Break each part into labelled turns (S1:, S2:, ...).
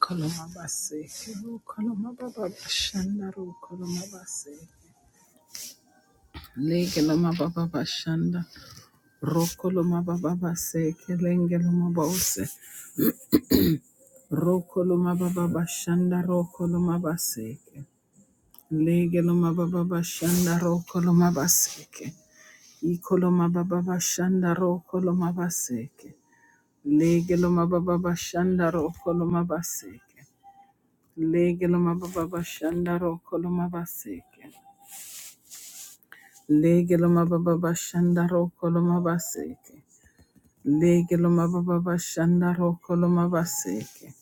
S1: Koloma basi, Kolomabaseke, Kolomababa Bashanda, Rokolomabase, Legelomababa Bashanda, Rokolomababa Baseke, Lengelomabose, Rokolomababa Bashanda, Rokolomabaseke, Legelomababa Bashanda, Rokolomabaseke, Ikolomababa Bashanda, Rokolomabaseke, Legelomababa Bashanda, Rokolomabaseke, Legelomababa Bashanda, Rokolomabaseke, Lege loma baba bashanda roko loma baseke. Lege loma baba bashanda roko loma baseke.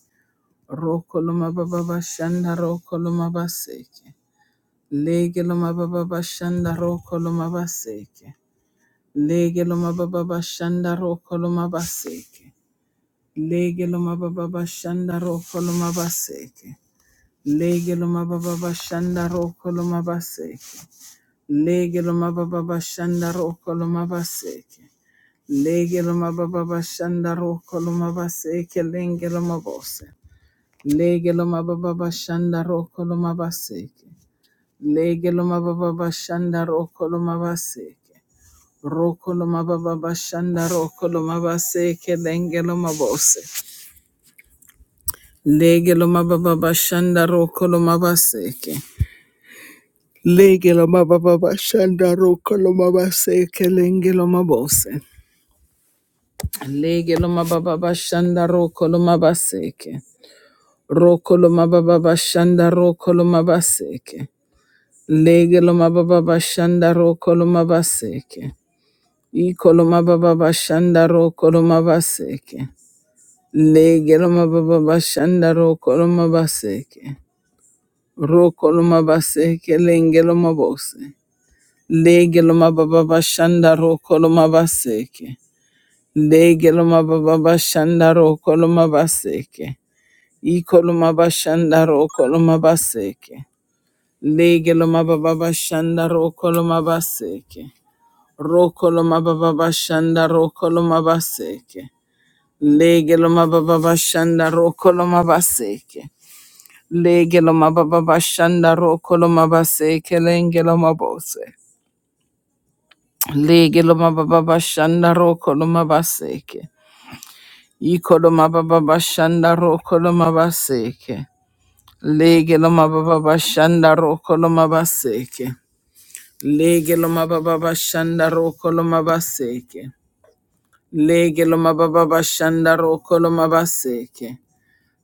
S1: Roko loma baba bashanda roko loma baseke. Lege loma baba bashanda roko loma baseke. Lege loma baba bashanda roko loma baseke. Lege loma baba bashanda roko loma baseke. Lege loma baba bashanda roko loma baseke. Lege loma baba bashanda roko loma baseke. Legeloma baba bashanda roko loma baseke lengeloma bose. Legeloma baba bashanda roko loma baseke. Legeloma baba bashanda roko loma baseke. Roko loma baba bashanda roko loma baseke lengeloma bose. Legeloma baba bashanda roko loma baseke. Legeloma baba bashanda roko loma baseke lengeloma bose. Legeloma baba bashanda roko loma baseke. Rokolo mababa bashanda rokolo mabaseke. Legelo mababa bashanda rokolo mabaseke. Ikolo mababa bashanda rokolo mabaseke. Legelo mababa bashanda rokolo mabaseke. Rokolo mabaseke lengelo mabose. Legelo mababa bashanda rokolo mabaseke. Legelo mababa bashanda rokolo mabaseke. Ikolo mabashanda rokolo mabaseke. Legeloma baba shanda rokoloma baseke. Rokoloma baba shanda rokoloma baseke. Legeloma baba shanda rokoloma baseke. Legeloma baba shanda rokoloma baseke lengeloma bose. Legeloma baba shanda rokoloma baseke. Ikoloma baba shanda rokoloma baseke. Legeloma baba shanda rokoloma baseke. Lege lo mababa bashanda roko lo mabaseke. Lege lo mababa bashanda roko lo mabaseke.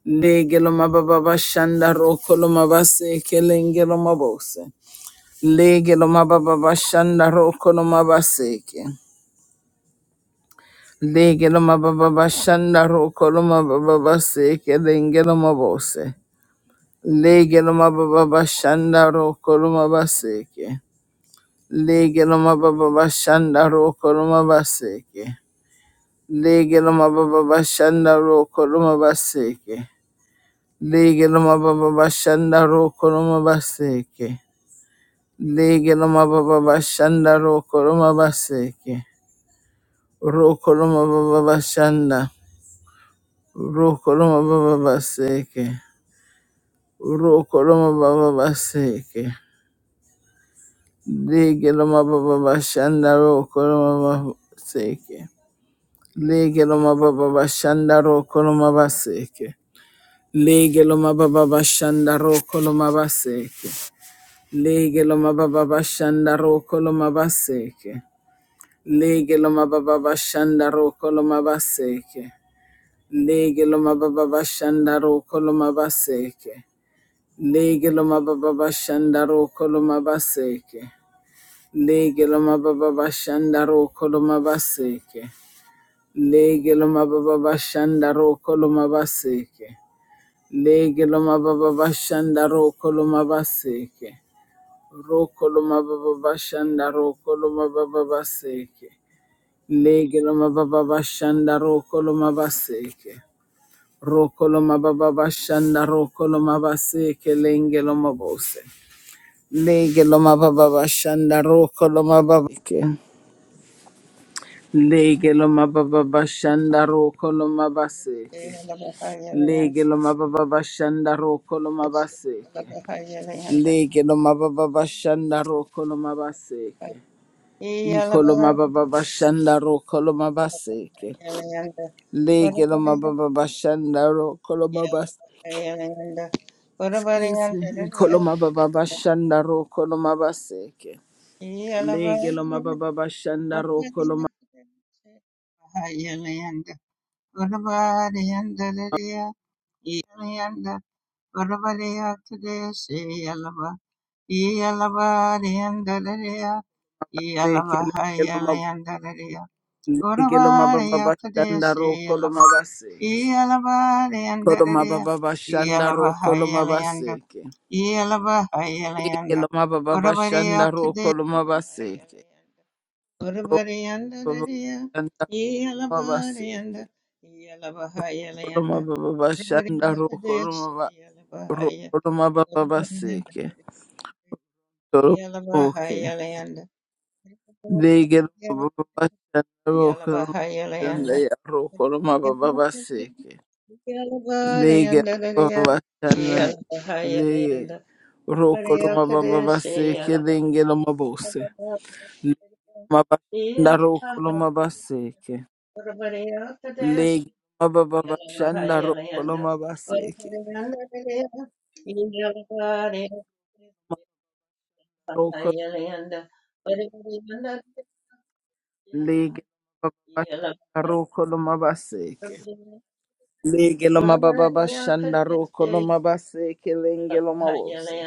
S1: Lege lo mababa bashanda roko lo mabaseke lenge lo mabose. Lege lo mababa bashanda roko lo mabaseke. Lege lo mababa bashanda roko lo mababa baseke lenge lo mabose. Lege lo mababa bashanda roko lo mabaseke. Lege lo mababa bashanda roko lo mabaseke. Lege loma baba bashanda roko loma baseke. Lege loma baba bashanda roko loma baseke. Lege loma baba bashanda roko loma baseke. Roko loma baba bashanda. Roko loma baba baseke. Roko loma baba baseke. Lege loma baba bashanda roko loma baseke. Lege loma baba bashanda roko loma baseke. Lege lo mababa bashanda roko lo mabaseke. Lege lo mababa bashanda roko lo mabaseke. Lege lo mababa bashanda roko lo mabaseke. Lege lo mababa bashanda roko lo mabaseke. Lege lo mababa bashanda roko lo mabaseke. Lege lo mababa bashanda roko lo mabaseke. Lege lo mababa bashanda roko lo mabaseke. Lege loma baba bashanda roko loma baseke. Roko loma baba bashanda roko loma baba baseke. Lege loma baba bashanda roko loma baseke. Roko loma baba bashanda roko loma baseke lenge loma bose. Lege loma baba bashanda roko loma baseke.
S2: Yalava,
S1: Lege loma baba bashanda roko loma baseke. Lege loma baba bashanda roko loma baseke. Leke no mababa bashanda roko no mabaseke. Iko no mababa bashanda roko no mabaseke. Leke no mababa bashanda roko no mabas. Excuse me. Iko no mababa bashanda roko no mabaseke. Leke no mababa bashanda roko no
S2: Yalabariyandararia,
S1: mabaseke. Leke no mababa.
S2: Yalavahayalayandararia,
S1: Leke no mababa
S2: Guravariya
S1: bashanda
S2: Kadesi
S1: roko no
S2: Yalava,
S1: mabaseke. Kolo
S2: Yalabariyandararia,
S1: mababa bashanda roko no
S2: Yalavahayalayanda,
S1: mabaseke. Seke
S2: Yalavahayalayanda,
S1: loma baba bashanda
S2: Guravariya
S1: roko
S2: Kadesi
S1: loma baseke.
S2: Yalavahayalayanda,
S1: Roko baba
S2: Guravariyandarariya,
S1: bashanda loma baseke.
S2: Yalabariyanda,
S1: Loma
S2: Yalavahayalayanda,
S1: baba bashanda
S2: Guravariya
S1: roko loma
S2: Kadesi
S1: ba
S2: Yalavahaya,
S1: roko loma baba baseke.
S2: Guravariyandarariya.
S1: Toro oke.
S2: Yalabahayalayanda.
S1: Lege loma baba bashanda roko loma bashanda
S2: Yalabahayalayanda.
S1: ya roko loma baba baseke. Lege loma baba
S2: Yalabahayalayanda.
S1: bashanda lege
S2: Yalabahayalayanda.
S1: roko loma baba
S2: Vareyakadeshe
S1: baseke
S2: yalaba.
S1: lenge loma bose.
S2: Yalabahayalayanda.
S1: Loma bashanda roko loma baseke.
S2: Vareyakadeshe yalabahayalayanda. Vareyakadeshe
S1: Leg baba baba shanda
S2: yalabahayalayanda.
S1: rokoloma baseke.
S2: Yalabahayalayanda.
S1: Roko
S2: Vareyakadeshe
S1: leg baba shanda
S2: yalabahayalayanda.
S1: rokoloma baseke. Leg loma baba baba
S2: Yalabariya
S1: shanda
S2: Kadesh,
S1: rokoloma baseke lenge loma bose.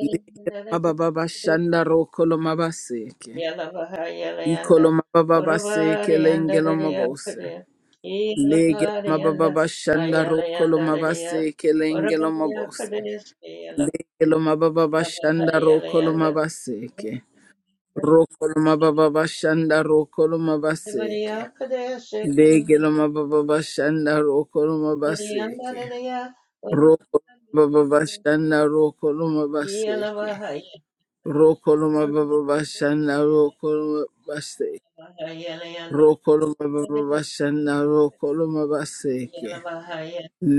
S1: Leg
S2: Yalabariya
S1: baba
S2: Kadesh,
S1: baba shanda rokoloma baseke. Ikoloma baba baseke lenge loma bose. Leg baba baba shanda rokoloma baseke lenge loma bose. Leg loma baba baba shanda rokoloma baseke. Rokoloma baba bashanda rokoloma baseke. Degeloma baba bashanda rokoloma baseke. Rokoloma baba bashanda rokoloma
S2: Yeah.
S1: baseke. Rokoloma baba bashanda rokoloma baseke. Rokoloma baba bashanda rokoloma baseke.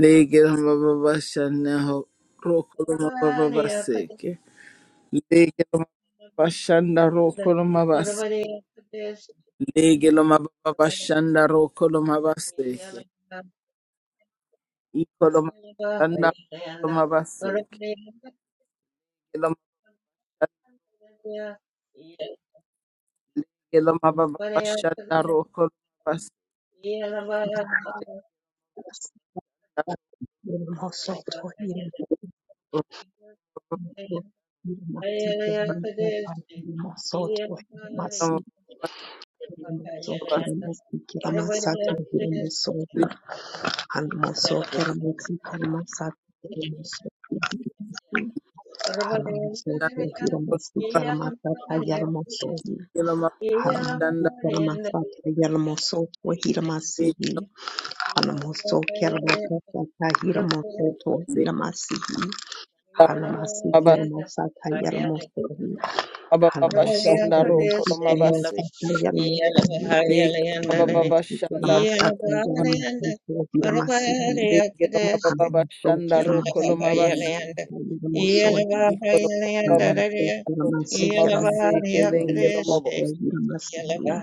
S1: Degeloma baba bashanda ho- rokoloma baba baseke. Degeloma bashanda rokoloma baseke. Lege lo mababa bashanda roko lo mabaseke. Iko lo mabashanda roko lo mabaseke. Lege Lo lege lo mababa bashanda roko lo mabaseke.
S3: Hanamoso
S1: Roko lo mabaseke.
S2: Yeah.
S1: Shanda lo mabashanda lege lo
S3: kermo kermo kahiramo kerto
S1: mababa
S3: hiramasi Hallelujah.
S1: mababa bashanda roko lo
S2: Yellow,
S1: mabaseke. Lege lo mababa bashanda roko lo mabaseke. Lege lo mababa bashanda roko lo mabaseke. Ikolomababa Kolomabase Kelengelomabos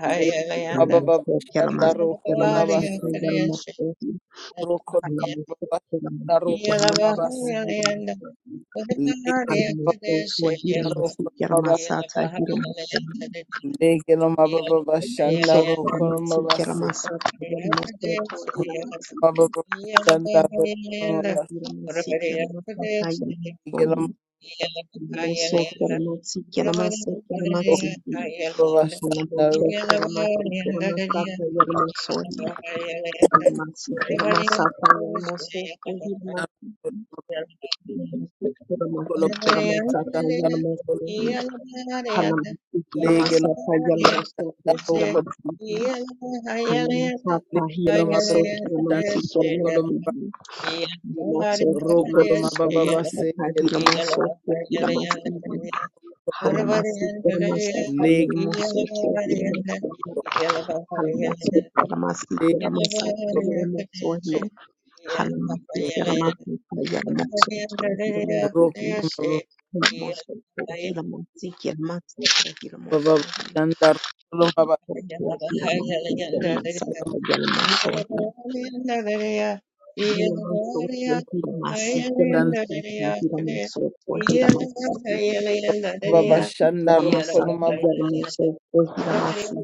S1: Le Mababa Shandaro Kolomabase Rokolomababa Naro Kolomabas Legelomabaro
S3: Anamototwa hiramasikira
S1: Kolomabas
S3: masata
S2: Yeah.
S1: Legelomababa Shandaro
S3: hiramasikira masikira
S1: Kolomabase
S3: masata hiramasikira hiramasikira
S1: Mababa Shandaro Kolomabas
S3: masikira masata
S1: Legelomababa Shandaro
S3: hiramasikira masikira masikira masikira anamototwa masikira masata hiramasikira masata hiramasikira masikira masikira
S1: Kolomabas
S2: Yeah.
S3: masata hiramasikira Halamasiki Lamasata
S1: Legelomababa
S3: Yalamasoko
S1: Shandaro
S3: Hilamasiki Halamasata
S1: Lingeloma baba
S3: Hilamosoki
S1: bashan
S3: Lamasiki
S1: rokoloma ba
S3: Lamasiki Yamasoki
S1: rokoloma
S3: Lamasiki
S1: baba base
S3: Lamasata Hilamosoko Hilamasiki
S1: lingeloma
S3: Halamasiki Lamasata
S1: leg
S3: Yalamosoko Hilamasiki Halamasoko Lamasiki
S1: leg
S3: Lamasata
S1: baba
S3: Yalamosohi Halamasiki Lamasata Yalamosoko Hilamasiki Hilamosoko
S1: rokoloma
S3: Hilamasiki Lamasata
S1: baba
S3: Hilamosohi
S1: shanda rokoloma ba
S3: Hanamoto kila masika
S1: shanda baba bashanda rokoloma ba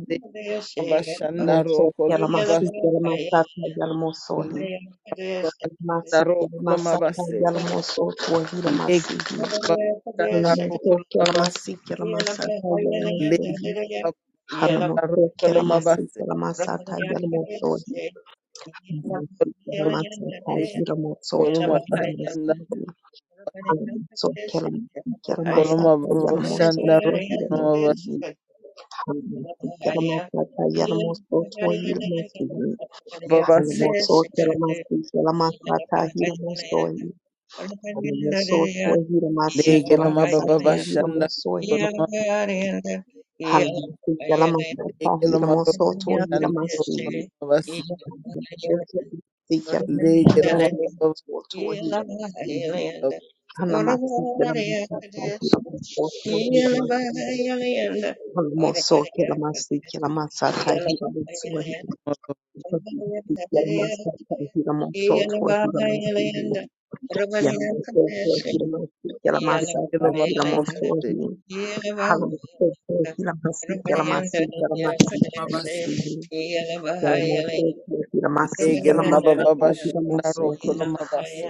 S1: de baba shanda rokoloma ba leg baba shanda rokoloma ba se leg baba shanda rokoloma ba se leg baba shanda
S3: la
S1: rokoloma
S2: Yeah.
S1: ba se
S3: masata
S2: Yeah.
S3: yalmoto Hallelujah.
S1: Koroma basanda koroma basanda, koroma baba se lege loma baba bashanda koroma base lege loma bashanda koroma base
S3: Othekutsikya
S1: lege
S2: Yeah.
S1: loma
S3: mutahira
S1: baba
S3: mutsotohira musihi kana matsikira mutsatahira mutsotohira musihi kana musokera masikira matsatahira mutsohira kana matsatahira mutsotohira musihi yana mutsotohira masikira
S1: lege loma
S3: matsatahira
S1: baba se
S3: mutsohira kana mutsotohira masikira masikira
S1: koroma
S3: matsikira
S1: base
S3: musihi Kelamasoke, Kilamasi,
S1: lege loma baba
S3: Kelamasata,
S1: basanda,
S3: Kilamasohi,
S1: koroma base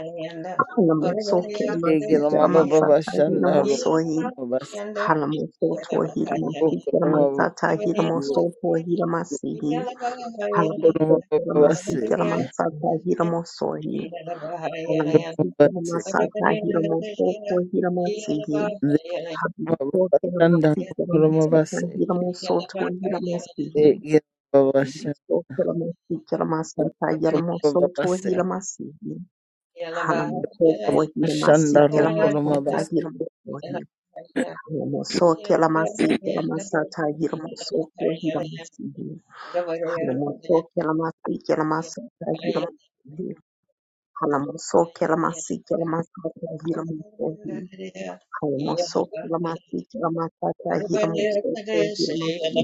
S3: Halamaso,
S1: lege
S3: Kelamasi,
S1: loma baba
S3: Kelamasata,
S1: bashanda koroma
S3: Hilamosohi,
S1: base
S3: Halamaso, Tohilamasi,
S1: koroma
S3: Kelamasata, Hilamoso, Tohilamasihi, Halamaso,
S1: koroma baba
S3: Kelamasi,
S1: se
S3: Kelamasata, Hilamosohi,
S1: koroma
S3: Halamasi, Kelamasata, Hilamoso, Tohilamasihi, Halamaso,
S1: Mabashanda Kurumabaseke Babasha
S3: so Okelamasi, kelamasata, yelamoso,
S1: Kurumabaseke
S3: tohilamasi,
S2: Yeah.
S3: hanamoko, tohilamasi,
S1: Mabashanda
S3: kelamasata,
S1: Rokurumabase
S3: hilamoko, hanamoso, kelamasi, kelamasata, hilamoso, tohilamasi, hanamoso, kelamasi, kelamasata, hilamoko, hanamoso, kelamasi, kelamasata, hilamoko, hanamoso, kelamasi, kelamasata, hilamoso, tohilamasi,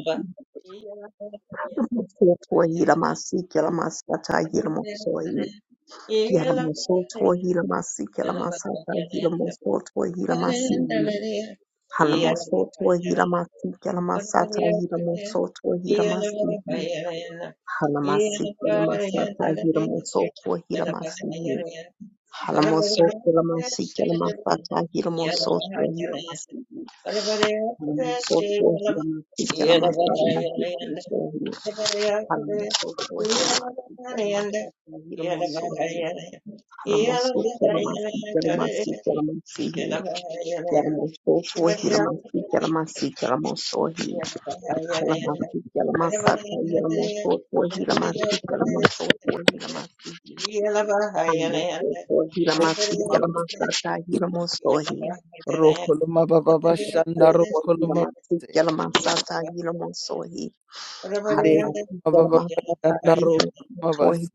S3: hanamoso, tohilamasi, kelamasata, hilamoko, Yalamosoto Hilamasi Kalamasata Hilamosoto Hilamasi Halamosoto
S2: Yeah.
S3: Hilamasi Kalamasata Hilamosoto
S2: Yeah.
S3: Hilamasi Halamasi Kalamasata Hilamosoto Hilamasi Halamosoto Hilamasi Kalamasata Hilamosoto Hilamasi Halamosoto Hilamasi Kalamasata Hilamosoto Hilamasi Halamosoto Hilamasi Kalamasata Hilamosoto Halamoso, Kelama, Kelama,
S2: Yeah.
S1: Rokurumabashanda Rokurumabase Ndege Mabashanda Rokurumabase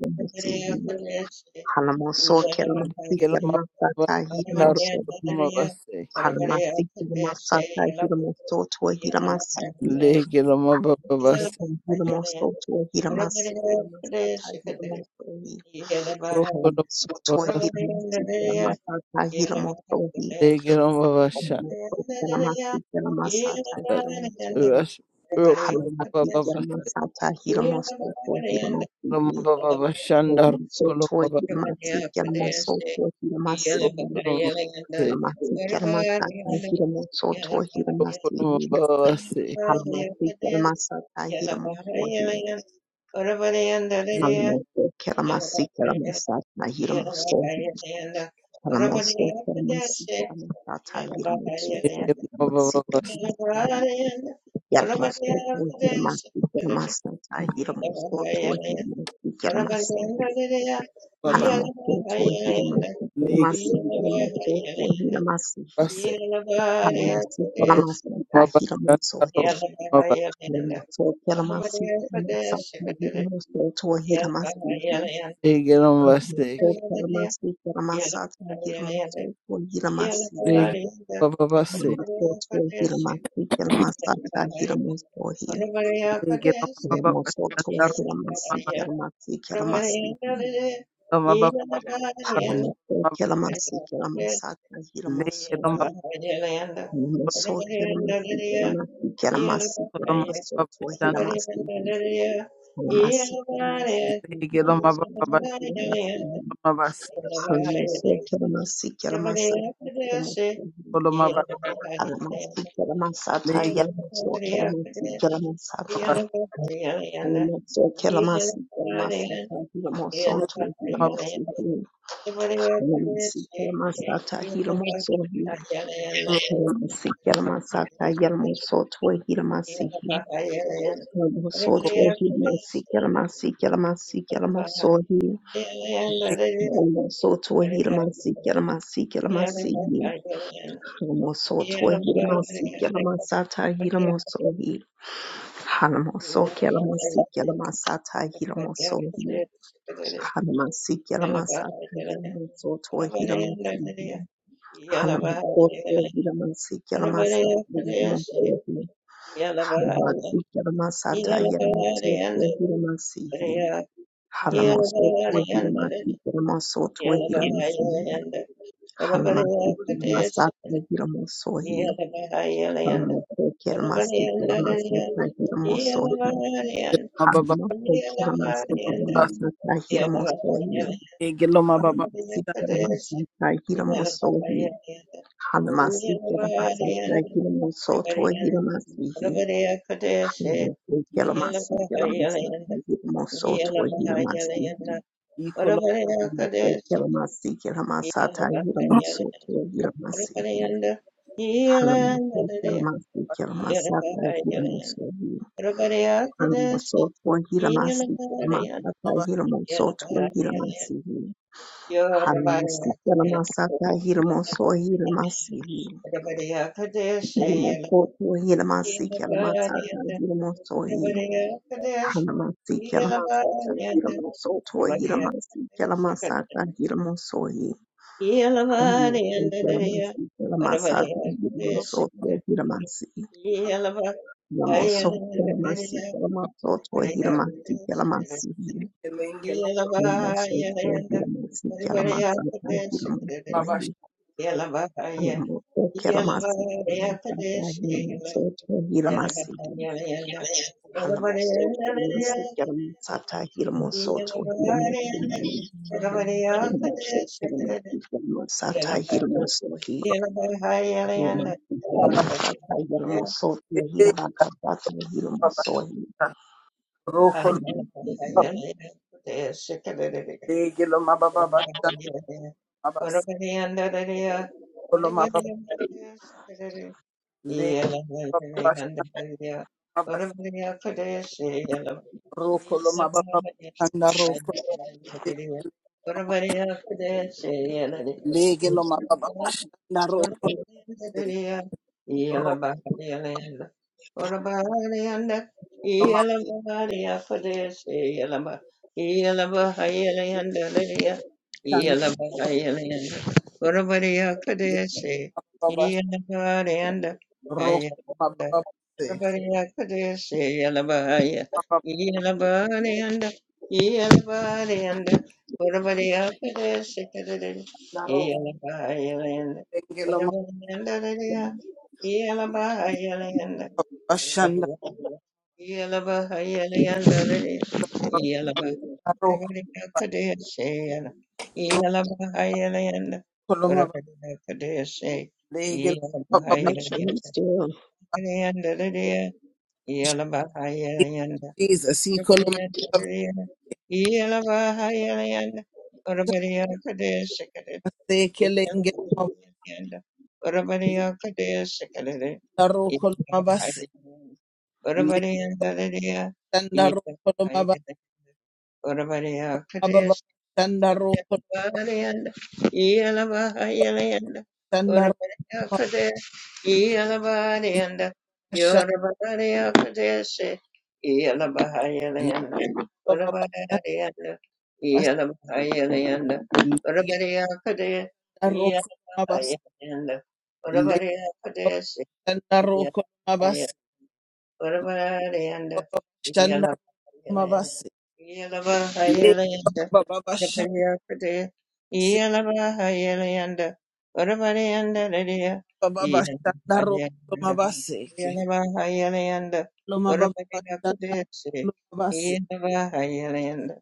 S1: Ndege Mabashanda
S3: Sata, Hidamo,
S1: Rokurumabaseke
S3: Halamasiki Lamasata Hilamosotua Hilamasiki
S1: Ndege Mababase
S3: Hilamosotua
S2: Yeah.
S3: Hilamasiki Lamasata Hilamosohi Halamosotua
S1: Rokurumabase
S3: Hilamasiki Lamasata Hilamosohi Halamosotua masata Lamasata Hilamosohi Halamasiki Lamasata Hilamosotua Hilamasihi
S1: Kolomababa Shanda
S3: Halamosotua
S1: Kolomaba
S3: Hilamasiki Lamosotua Hilamasihi
S1: Kolomase
S3: Halamasiki Lamasata Hilamosotua Hilamasihi
S1: Kolomabase
S3: Kalamasi Kalamasata Hiramo Sohi. Kalamoso Kalamasi Kalamasata
S2: Yeah,
S3: Hiramo Sohi. Kalamoso Kalamasi Kalamasata Hiramo Sohi. Hiramasi
S1: Kolomabase Kolomababa
S3: Kalamasata Hiramo Sohi. Hiramasi Kalamasata Hiramo Sohi. Hiramasi Kalamasata
S1: Baba
S3: Kalamoso Sohi. Hiramasi
S1: Lake
S3: Kalamasi Kalamoso Sohi. Hiramasi
S1: Base
S3: Kalamasi Kalamasata
S1: Kolomaba
S3: Hiramo
S1: Shanda
S3: Sohi.
S1: Kolomaba
S3: Kela masi kela masata kila maso kwa kila masi
S1: Lake Base
S3: kela masi kela masata kila maso kwa kila
S2: Yala
S3: masi
S1: Lake
S2: Parari,
S1: Baba Base
S3: kela masi kela masata kila maso kwa
S1: Lake Baba Shanda
S3: kila
S2: the
S1: Kolomaba
S3: masi kela masi kela masata kila maso
S1: Kolomaba
S3: kwa
S1: Kolomaba
S3: kila masi kela masi kela masata kila maso
S1: Lake
S3: kwa
S1: Baba Kolomaba Shanda
S3: kila masi Hiramasata, Hiramasata,
S1: Lake Baba
S3: Hiramosoto,
S1: Baba
S3: Hiramasihira,
S1: Kolomaba
S3: Hiramosoto,
S1: Kolomaba
S2: Yeah. Yeah.
S3: Hiramasihira,
S1: Lake Baba
S3: Hiramosoto, Hiramasihira, Hiramosohi, Soto Hiramasi Kiramasi Kiramasi Halamoso to Hiramasi Kiramasata Hiramosohi Halamoso Kiramasi Kiramasata Hiramosohi Hanamasi Kiramasata Yamaso to Hiramasi
S2: Yeah,
S3: Hanamoko Hiramasi Kiramasata Hiramosohi Hanamasi Kiramasata Yamaso to Hiramasi Hanamoso to Hiramasi Kiramoso to Hiramasi Halamakukilamasakiramosohi. Halamokukilamasakiramasakiramosohi. Halamakukilamasakiramasakiramosohi.
S1: Lege lo mababa
S3: Halamakukilamasakiramosohi. Halamakukilamasakiramosotohilamasihi.
S2: Yoruba,
S3: Halamakukilamasakiramasakiramosotohilamasihi. Halamakukilamasakiramasakiramosotohilamasihi. Halamoso, Kilamasi, Kilamasata, Hilamosohi, Halamoso, Tor, Hilamasi, Kilamasata, Hilamoso, Tor, Hilamasihi, Halamosi, Kilamasata, Hilamoso, Hilamasihi, Halamoso, Tor, Hilamasi, Kilamasata, Hilamosohi,
S2: Everybody, Everybody,
S3: Halamasi,
S2: Everybody,
S3: Kilamasata,
S2: Everybody, Everybody, Everybody,
S3: Hilamoso, Tor, Hilamasi,
S2: kadesh. kadesh. kadesh. kadesh.
S3: Kilamasata,
S2: kadesh.
S3: Hilamosohi, Halamoso,
S2: Yelavarianda,
S3: Kilamasi,
S2: everybody
S3: Kilamasata,
S2: here,
S3: Hilamoso, Tor,
S2: kadesh.
S3: Hilamasi, Lamoso Kelamasi Kelamato Hilamasi
S2: kadesh.
S3: Kelamasi Lamoso
S2: Yelavarianda,
S3: Hilamasi
S2: everybody here,
S3: Kelamasa
S2: kadesh. kadesh.
S3: Hilamasi
S2: Yelavarianda,
S3: Alamoso Kelamasi
S2: Yelavarianda,
S3: Kelamasa
S2: kadesh.
S3: Hilamoso Hilamasi
S2: Yelavarianda, everybody
S3: Halamoso
S2: here,
S3: Kelamasi
S2: kadesh.
S3: Kelamasata Hilamoso
S2: Yeah.
S3: Hilamasi Lamoso Kelamasi Kelamasata Hilamoso Kalamati Kalamasata Hilamosohi Hilamasata Hilamoso Hilamasa Hilamoso Hilamoso
S1: bashanda roko
S2: Yeah.
S1: se, roko lo mabashanda Roku mababase, mababana roku lengelo
S2: Yeah.
S1: mababashanda, mababana roku koloma lengelo mababase,
S3: Make sure he's still
S1: Jesus, he koloma mababashanda, seke lengelo
S2: Yanda Urabadiya Kadea Sikalade
S1: mababana roku koloma base,
S2: Urabadiya Dadadea
S1: lenganda roku koloma ba-
S2: Urabadiya Kadea
S1: mababashanda roku
S2: Yalabahalayanda, Yalabahayalayanda, Urabadayakade, Yalabahalayanda,
S1: shanda
S2: Yorabadayakadeshe, Yalabahayalayanda,
S1: roku mababashanda, lebababashanda
S2: Urabadayanda,
S1: base,
S2: Yalabahayalayanda,
S1: lengenda
S2: Urabadayakade,
S1: roku koloma base,
S2: Yalabahayalayanda,
S1: lebabashanda
S2: Urabadayakadeshe, Yalabahayalayanda, Urabadayanda,
S1: Lege
S2: Yalabahayalayanda, Prakaryakade, Iyalabaha Yalayanda, Urabariyanda Ladiya, Iyalabayanda, Iyalabaha Yalayanda, Urabariyakade, Iyalabaha Yalayanda,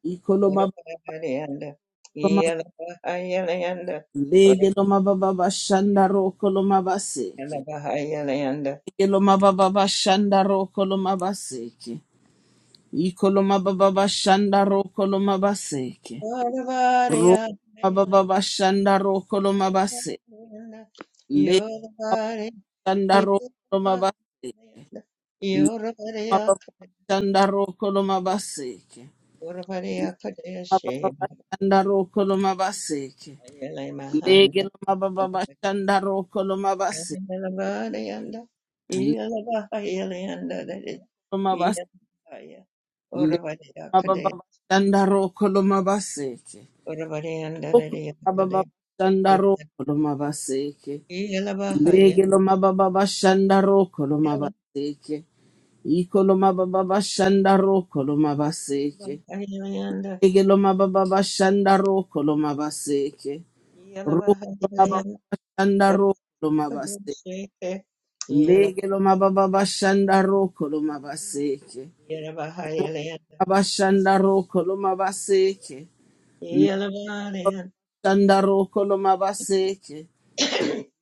S2: Yeah.
S1: Shandaroko loma baseke. Mababa shandaroko loma baseke. Lege loma baba shandaroko loma baseke. Lege loma bas. Lege mababa shandaroko loma baseke. Oko mababa shandaroko loma baseke. Lege loma baba shandaroko loma baseke. Iko loma baba shandaroko loma baseke. Lege loma baba shandaroko loma baseke. Shandaro koloma baseke. Lege loma baba bashandaro koloma baseke.
S2: Yeah.
S1: Roma bashandaro koloma baseke. Loma bashandaro koloma baseke.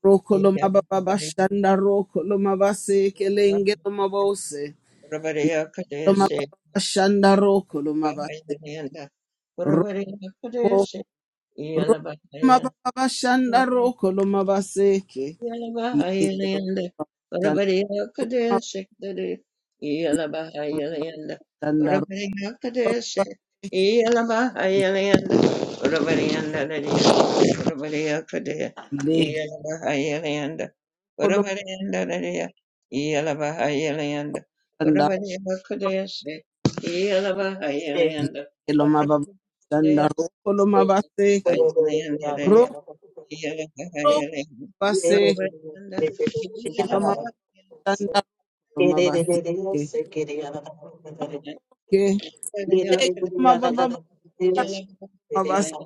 S1: Roko loma baba bashandaro koloma baseke. Lenge loma bose. Loma baba bashandaro koloma baseke. Robo. Roko loma baba bashandaro koloma baseke. Lege loma
S2: Yalabahayalayanda,
S1: baba
S2: Varabariakadeshikdari,
S1: bashandaro
S2: Yalabahayalayanda,
S1: koloma
S2: Varabariakadeshi,
S1: baseke.
S2: Yalabahayalayanda, Varabariandadari, Varabariakade,
S1: Lege
S2: Yalabahayalayanda, Varabariandadari, Yalabahayalayanda,
S1: kolomanda
S2: Varabariakadeshi,
S4: Thank
S2: Yalabahayalayanda,
S1: keloma babanda
S2: Varabariakadeshi,
S1: ro koloma baseke ro
S2: Yalabahayalayandadari, yeah.
S1: ro
S4: you.
S1: baseke keloma babanda koloma baseke ke lege loma babanda koloma baseke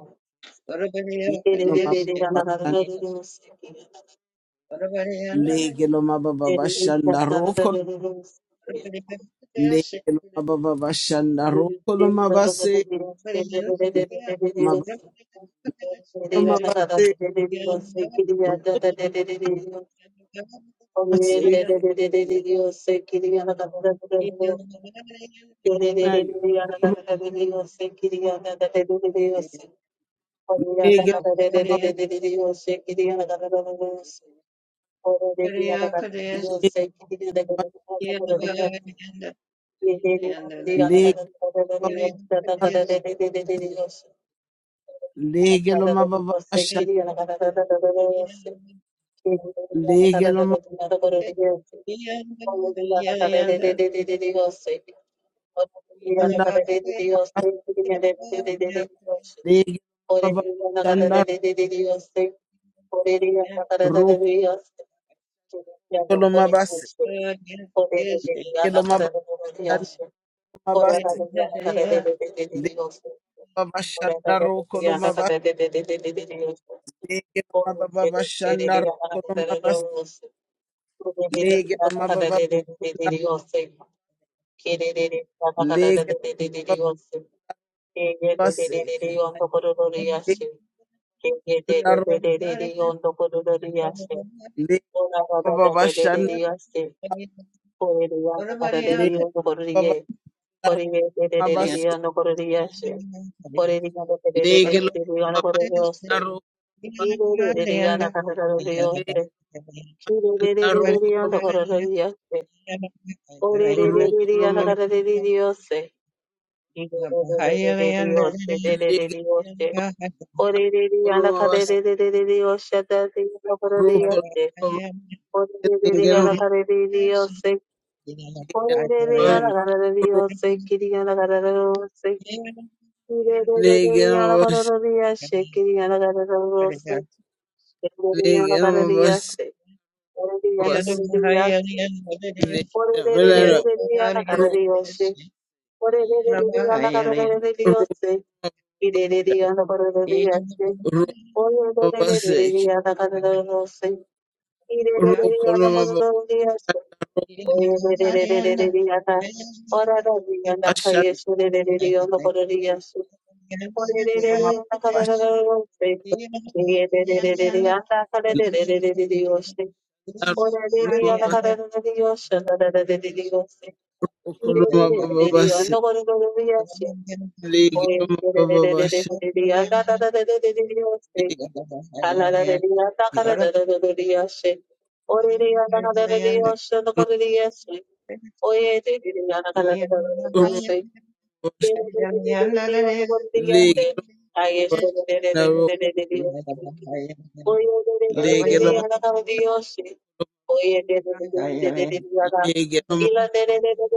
S1: lege loma babanda ro kol lege loma babanda ro koloma baseke loma koloma baseke baseke
S4: Dios,
S1: na ro lege loma babanda Legeloma baba basha, legeloma
S4: Dios,
S1: banda bas, legeloma baba kanda roko loma basi lege loma baba basi lege baba shanda, rokoloma bas, legeloma bashanda bas, legeloma bashanda rokoloma bas, legeloma baba bashanda rokoloma bas, legeloma baba banda,
S2: Yeah.
S4: Dios,
S1: legeloma baba baseke,
S2: What
S1: legeloma legeloma baba bashanda, legeloma baba rokoloma bas, legeloma baba shanda rokoloma bas, legeloma rokoloma Rokoloma
S4: Dios,
S1: lege koloma bas rokoloma lege noma
S2: about
S1: bas
S2: Yeah.
S1: lege noma bas lege noma bas bas lege melana ro ro
S4: Oye de
S1: ro
S4: de de
S1: bas
S4: de de de de anda de de de de de de
S1: rokoloma
S4: de
S1: bas
S4: Oye de de de de de de de anda Ora de de de de de
S1: ashan
S4: de de Ora de de
S1: koloma bas
S4: de de de de de Oye de de de de de de de anda Ora de de de de de de de Oye de de de de de de de anda Ora de de de
S1: rokoloma
S2: Yes. We have
S1: rokoloma
S2: a bad
S1: bas
S2: idea.
S4: de de de
S2: But I'm
S4: de
S2: not getting bad idea.
S1: lege
S4: Oye
S1: noma
S4: de de de
S2: We
S4: de
S2: have
S1: bas
S2: a
S4: de
S2: bad idea.
S4: de de anda
S2: We have a bad
S4: Oye,
S2: idea. But I'm
S1: lege
S2: not getting bad idea. We have a
S1: ro
S2: bad
S1: ro
S2: idea. We have a bad idea. We have a bad idea. But I'm not getting bad idea. Oh, yes. But
S1: Legelo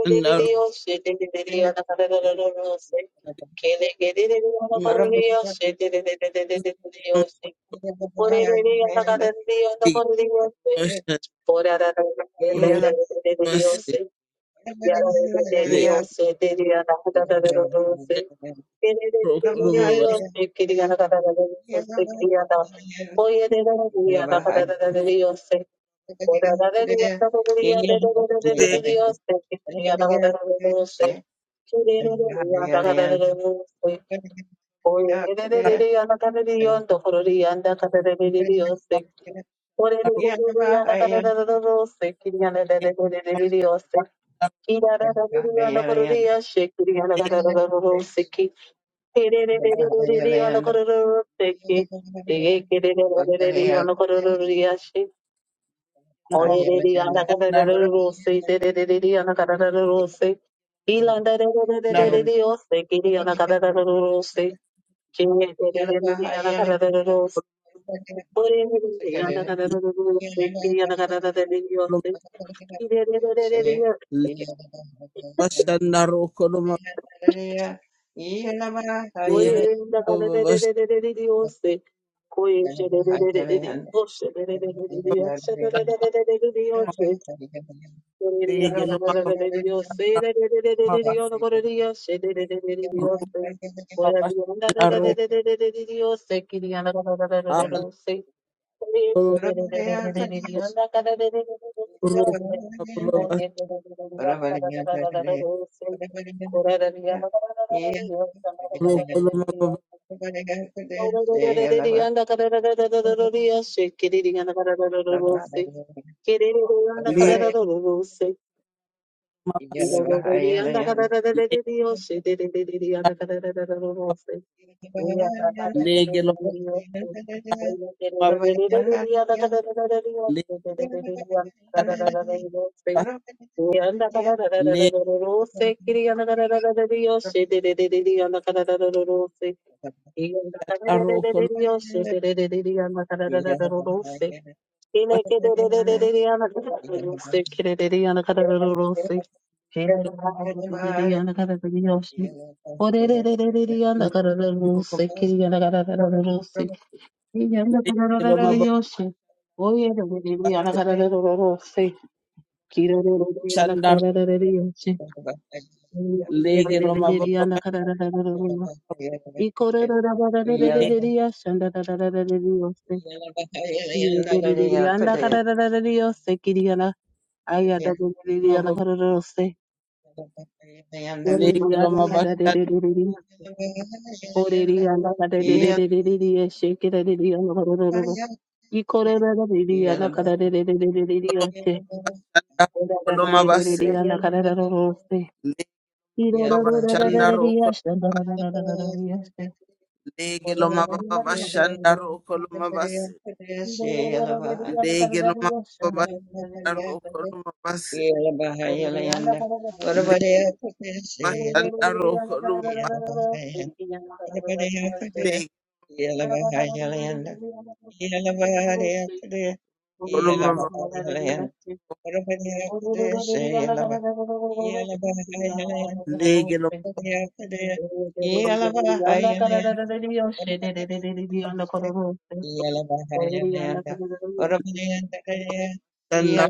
S1: mandaro legelo
S2: I'm not
S4: Dios,
S2: getting bad idea. Yeah.
S1: rokubase le rokoloma basu
S4: Ore
S1: legelo mandaro naro mandaro mandaro legelo
S4: Dios,
S1: bashandaro koloma legelo basu legelo mandaro
S2: Yeah.
S1: basu bashandaro koloma
S4: Oh,
S1: rokoloma basu rokolomo
S2: Yeah.
S1: le legelo Legeloma
S4: Yandakararararararose, kiriyandakarararararariyoshe, dedededediyandakararararararose. Iyandakararararararariyoshe,
S2: Yeah.
S4: dedededediyandakararararararose. Kinekededededediyandakararararararose, kidedediyandakararararararose. Kiyandakararararararariyoshe. Odedededediyandakarararararose, kiriyandakararararararose. Iyandakarararararariyoshe. Oyedededediyandakararararararose, kidededediyandakarararararariyoshe. Ikororororororose.
S2: Yeah. yeah,
S4: Oriana
S1: Legelo
S2: yeah.
S1: sanna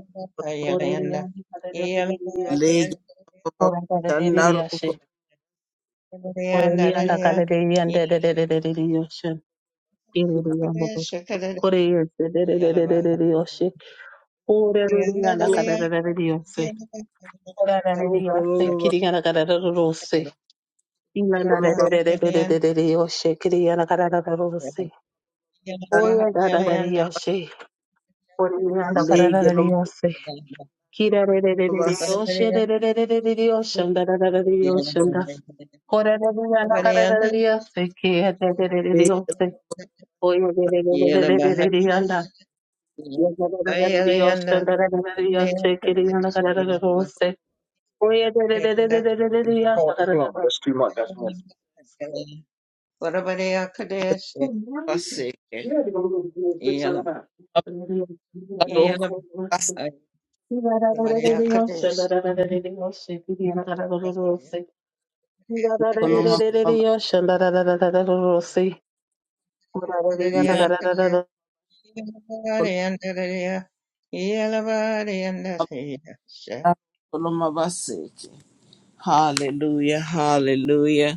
S4: Orelian Kaledelioshin.
S1: legelo sanna roko
S4: Orakaledelioshin. Orelian Kaledelian Dedelioshin. Irelian Koreas Dedelioshin.
S2: Yeah.
S4: Orelian
S1: roko
S4: Kaledelioshin. Orelioshin. Kiriana Kaledelioshin. Ilana
S1: roko
S4: Dedelioshin. Kiriana Kaledelioshin.
S1: sanna
S4: Orelian Kaledelioshin. Orelian
S1: legelo
S4: Kaledelioshin. Oye,
S1: mabase legelo mabase roko mabase legelo mabase
S4: I'll pray,
S1: legelo
S2: Yeah.
S1: mabase hallelujah hallelujah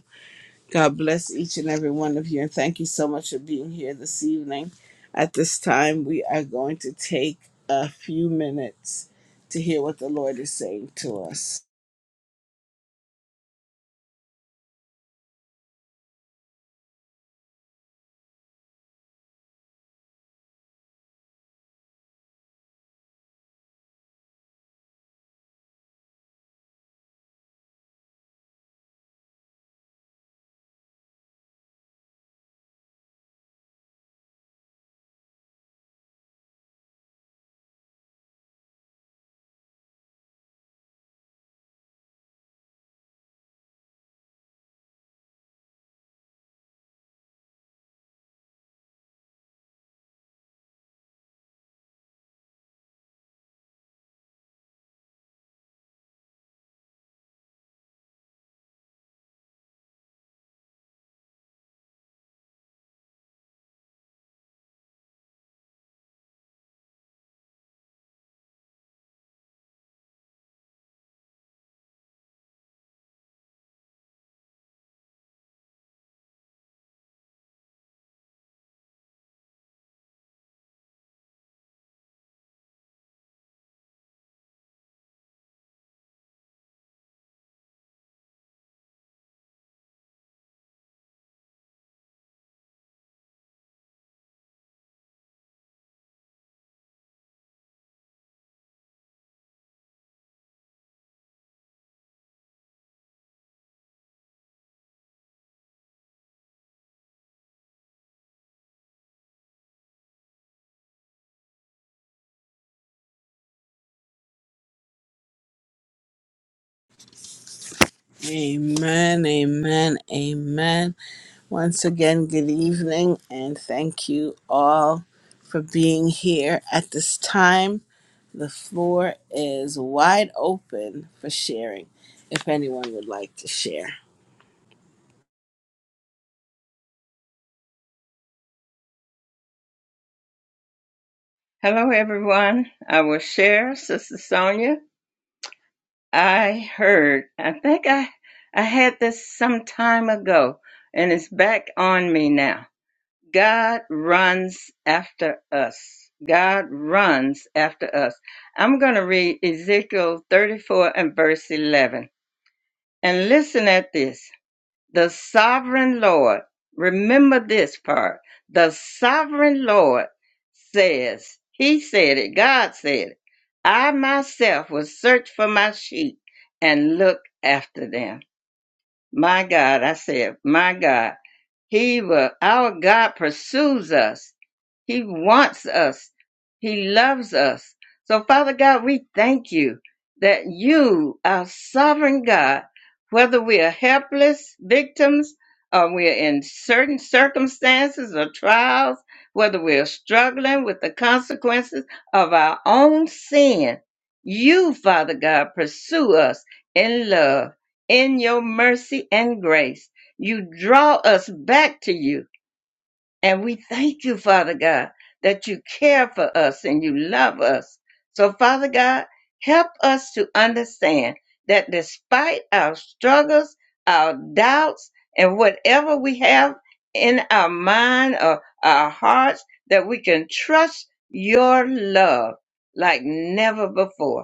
S1: God bless each and every one of you, and thank you so much for being here this evening. At this time, we are going to take a few minutes to hear what the Lord is saying to us. Amen, amen, amen. Once again, good evening, and thank you all for being here. At this time, the floor is wide open for sharing if anyone would like to share.
S2: Hello, everyone. I will share, Sister Sonia. I heard, I think I, I had this some time ago, and it's back on me now. God runs after us. God runs after us. I'm going to read Ezekiel 34 and verse 11. And listen at this. The sovereign Lord, remember this part. The sovereign Lord says, He said it, God said it. I myself will search for my sheep and look after them. My God, I said, my God, He will, our God pursues us he wants us. He loves us. So, Father God, we thank you that you, our sovereign God, whether we are helpless victims or we are in certain circumstances or trials, whether we are struggling with the consequences of our own sin, you, Father God, pursue us in love, in your mercy and grace. You draw us back to you and we thank you, Father God, that you care for us and you love us. So, Father God, help us to understand that despite our struggles, our doubts, and whatever we have in our mind or our hearts, that we can trust your love like never before.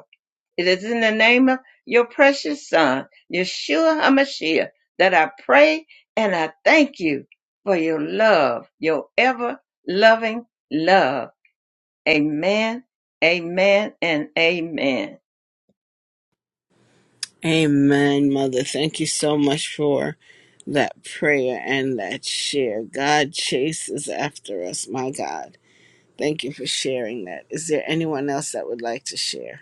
S2: It is in the name of your precious Son, Yeshua HaMashiach, that I pray and I thank you for your love, your ever loving love. Amen, amen, and amen.
S1: Amen, Mother. Thank you so much for that prayer and that share. God chases after us, my God. Thank you for sharing that. Is there anyone else that would like to share?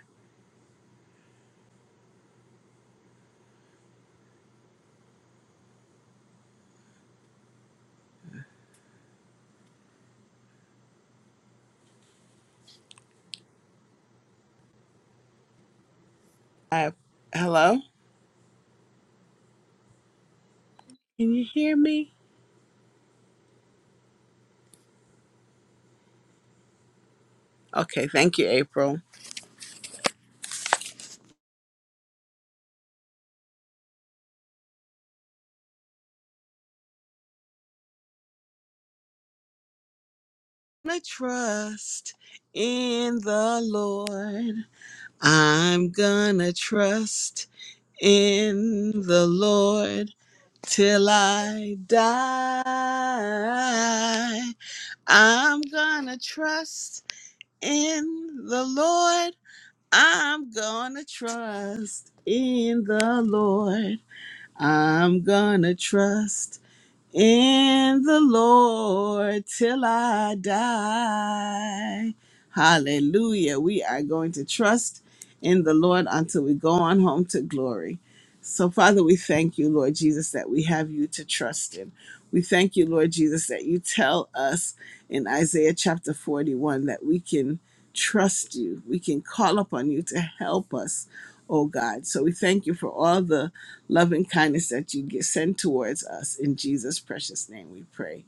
S1: I, hello? Can you hear me? Okay, thank you, April. I'm gonna trust in the Lord. I'm gonna trust in the Lord till I die. I'm gonna trust in the Lord. I'm gonna trust in the Lord. I'm gonna trust in the Lord till I die. Hallelujah. We are going to trust in the Lord until we go on home to glory. So, Father, we thank you, Lord Jesus, that we have you to trust in. We thank you, Lord Jesus, that you tell us in Isaiah chapter 41 that we can trust you. We can call upon you to help us, oh God. So, we thank you for all the love and kindness that you get send towards us. In Jesus' precious name we pray.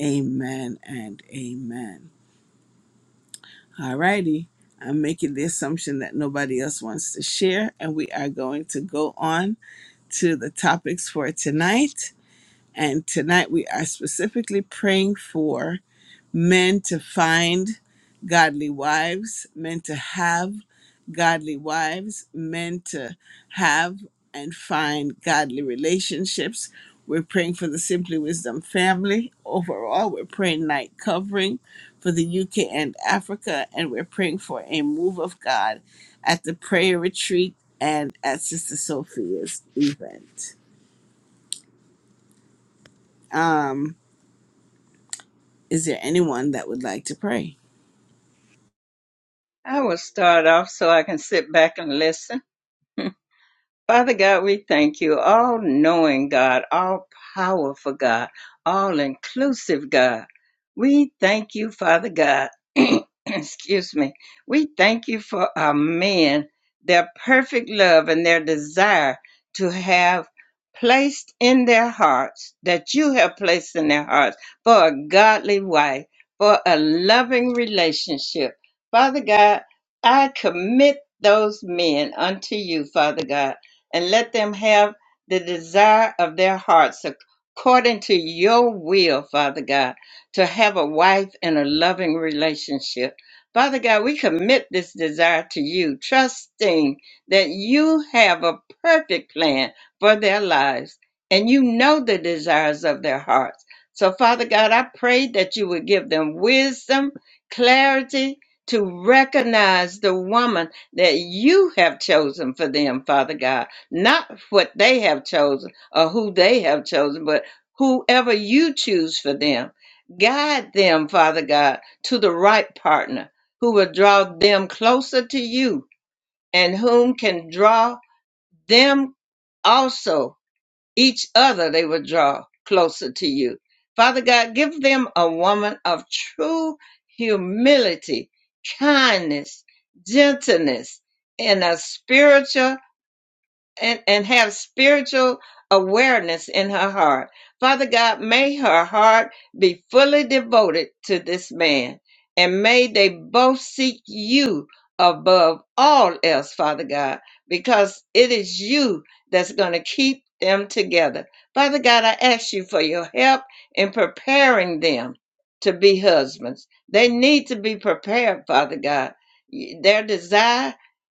S1: Amen and amen. All righty. I'm making the assumption that nobody else wants to share, and we are going to go on to the topics for tonight. And tonight we are specifically praying for men to find godly wives, men to have godly wives, men to have and find godly relationships. We're praying for the Simply Wisdom family overall. We're praying night covering for the UK and Africa, and we're praying for a move of God at the prayer retreat and at Sister Sophia's event. Um, is there anyone that would like to pray?
S2: I will start off so I can sit back and listen. Father God, we thank you, all knowing God, all powerful God, all inclusive God. We thank you, Father God. Excuse me. We thank you for our men, their perfect love and their desire to have placed in their hearts, that you have placed in their hearts, for a godly wife, for a loving relationship. Father God, I commit those men unto you, Father God and let them have the desire of their hearts according to your will, Father God, to have a wife and a loving relationship. Father God, we commit this desire to you, trusting that you have a perfect plan for their lives and you know the desires of their hearts. So, Father God, I pray that you would give them wisdom, clarity to recognize the woman that you have chosen for them, Father God not what they have chosen or who they have chosen, but whoever you choose for them. Guide them, Father God, to the right partner who will draw them closer to you and whom can draw them also, each other they will draw closer to you. Father God, give them a woman of true humility, kindness, gentleness, and a spiritual and, and have spiritual awareness in her heart. Father God, may her heart be fully devoted to this man, and may they both seek you above all else, Father God, because it is you that's going to keep them together. Father God, I ask you for your help in preparing them to be husbands. They need to be prepared, Father God. Their desire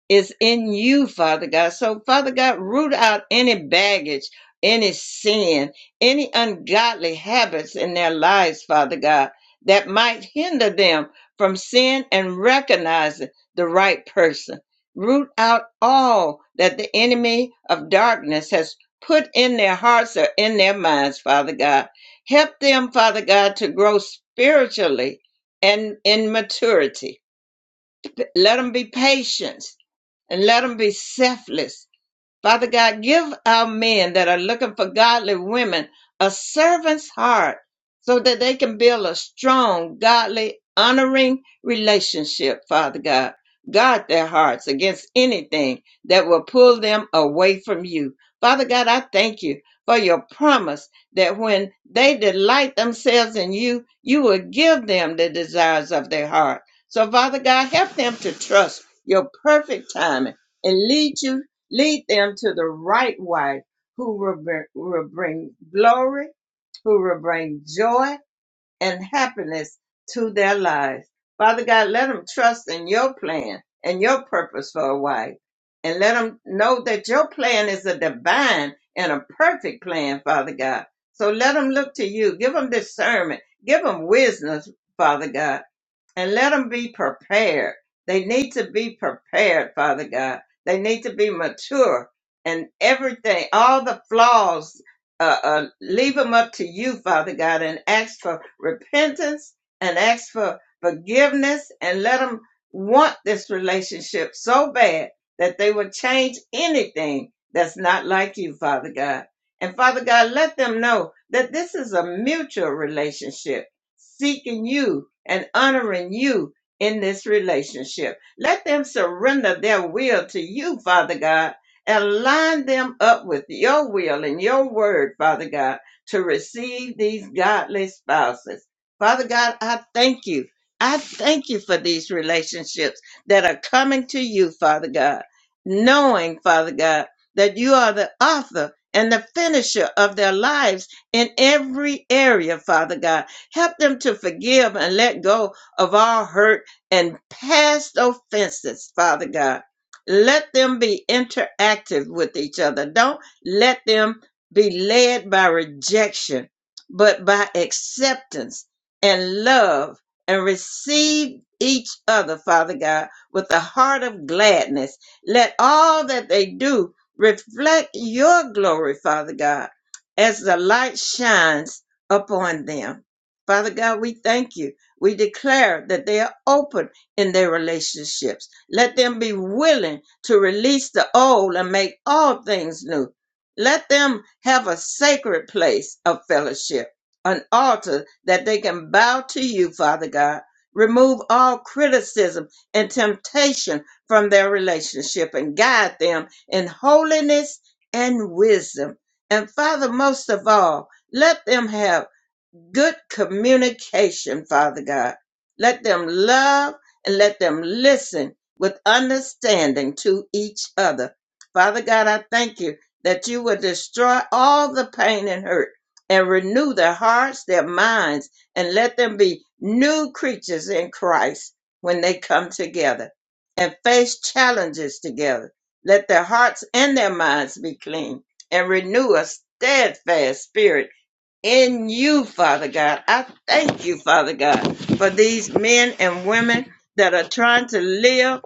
S2: is in you, Father God. So, Father God, root out any baggage, any sin, any ungodly habits in their lives, Father God, that might hinder them from sin and recognizing the right person. Root out all that the enemy of darkness has put in their hearts or in their minds, Father God. Help them, Father God, to grow spiritually and in maturity let them be patient and let them be selfless Father God, give our men that are looking for godly women a servant's heart so that they can build a strong, godly, honoring relationship, Father God. Guard their hearts against anything that will pull them away from you. Father God, I thank you for your promise that when they delight themselves in you, you will give them the desires of their heart. So, Father God, help them to trust your perfect timing and lead you Lead them to the right way who will bring, will bring glory, who will bring joy and happiness to their lives. Father God, let them trust in your plan and your purpose for a wife. And let them know that your plan is a divine and a perfect plan, Father God. So let them look to you. Give them discernment. Give them wisdom, Father God and let them be prepared. They need to be prepared, Father God. They need to be mature and everything, all the flaws, uh, uh, leave them up to you, Father God, and ask for repentance and ask for forgiveness and let them want this relationship so bad that they will change anything that's not like you, Father God. And Father God, let them know that this is a mutual relationship seeking you and honoring you in this relationship. Let them surrender their will to you, Father God, and line them up with your will and your word, Father God, to receive these godly spouses. Father God, I thank you. I thank you for these relationships that are coming to you, Father God, knowing, Father God, that you are the author and the finisher of their lives in every area, Father God Help them to forgive and let go of all hurt and past offenses, Father God. Let them be interactive with each other. Don't let them be led by rejection, but by acceptance and love and receive each other, Father God, with a heart of gladness. Let all that they do reflect your glory, Father God, as the light shines upon them. Father God, we thank you. We declare that they are open in their relationships. Let them be willing to release the old and make all things new. Let them have a sacred place of fellowship, an altar that they can bow to you, Father God. Remove all criticism and temptation from their relationship and guide them in holiness and wisdom. And Father, most of all, let them have good communication, Father God. Let them love and let them listen with understanding to each other. Father God, I thank you that you will destroy all the pain and hurt and renew their hearts, their minds, and let them be new creatures in Christ when they come together and face challenges together. Let their hearts and their minds be clean and renew a steadfast spirit in you, Father God. I thank you, Father God, for these men and women that are trying to live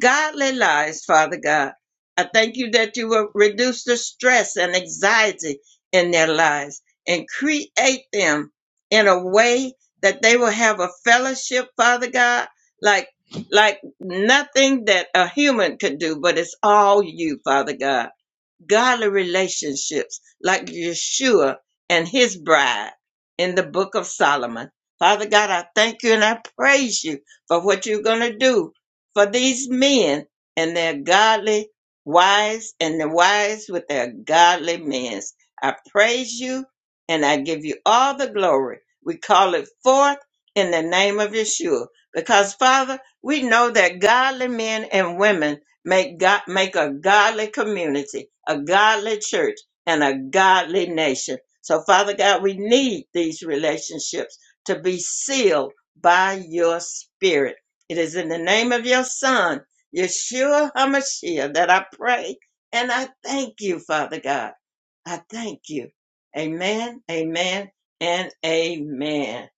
S2: godly lives, Father God. I thank you that you will reduce the stress and anxiety in their lives and create them in a way that they will have a fellowship, Father God, like like nothing that a human could do, but it's all you, Father God godly relationships like Yeshua and his bride in the book of Solomon. Father God, I thank you and I praise you for what you're going to do for these men and their godly wives and the wives with their godly men. I praise you and I give you all the glory. We call it forth in the name of Yeshua because, Father, we know that godly men and women Make God make a godly community, a godly church, and a godly nation. So, Father God, we need these relationships to be sealed by your spirit. It is in the name of your son, Yeshua HaMashiach, that I pray and I thank you, Father God. I thank you. Amen, amen, and amen.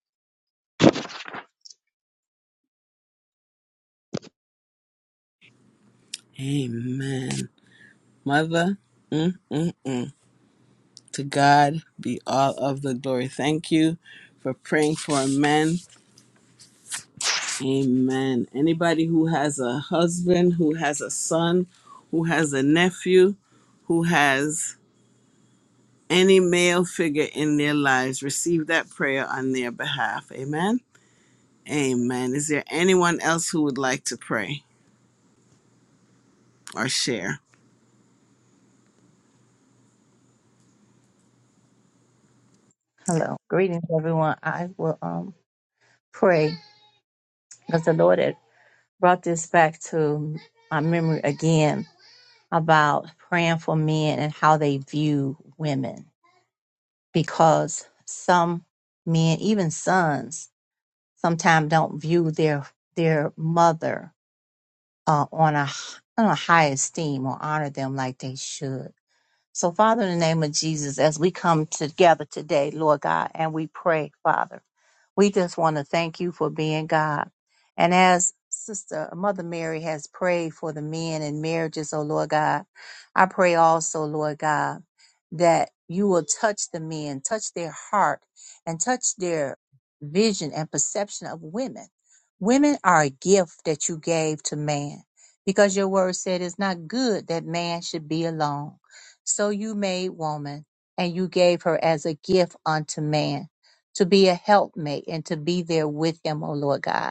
S1: Amen. Mother, To God be all of the glory. Thank you for praying for men. Amen. Anybody who has a husband, who has a son, who has a nephew, who has any male figure in their lives, receive that prayer on their behalf. Amen. Amen. Is there anyone else who would like to pray or share?
S5: Hello. Greetings, everyone. I will um, pray because the Lord had brought this back to my memory again about praying for men and how they view women. Because some men, even sons, sometimes don't view their their mother uh, on a on a high esteem or honor them like they should. So, Father, in the name of Jesus, as we come together today, Lord God, and we pray, Father, we just want to thank you for being God. And as Sister Mother Mary has prayed for the men and marriages, oh Lord God, I pray also, Lord God, that you will touch the men, touch their heart, and touch their vision and perception of women. Women are a gift that you gave to man because your word said it's not good that man should be alone. So you made woman, and you gave her as a gift unto man to be a helpmate and to be there with him, O Lord God.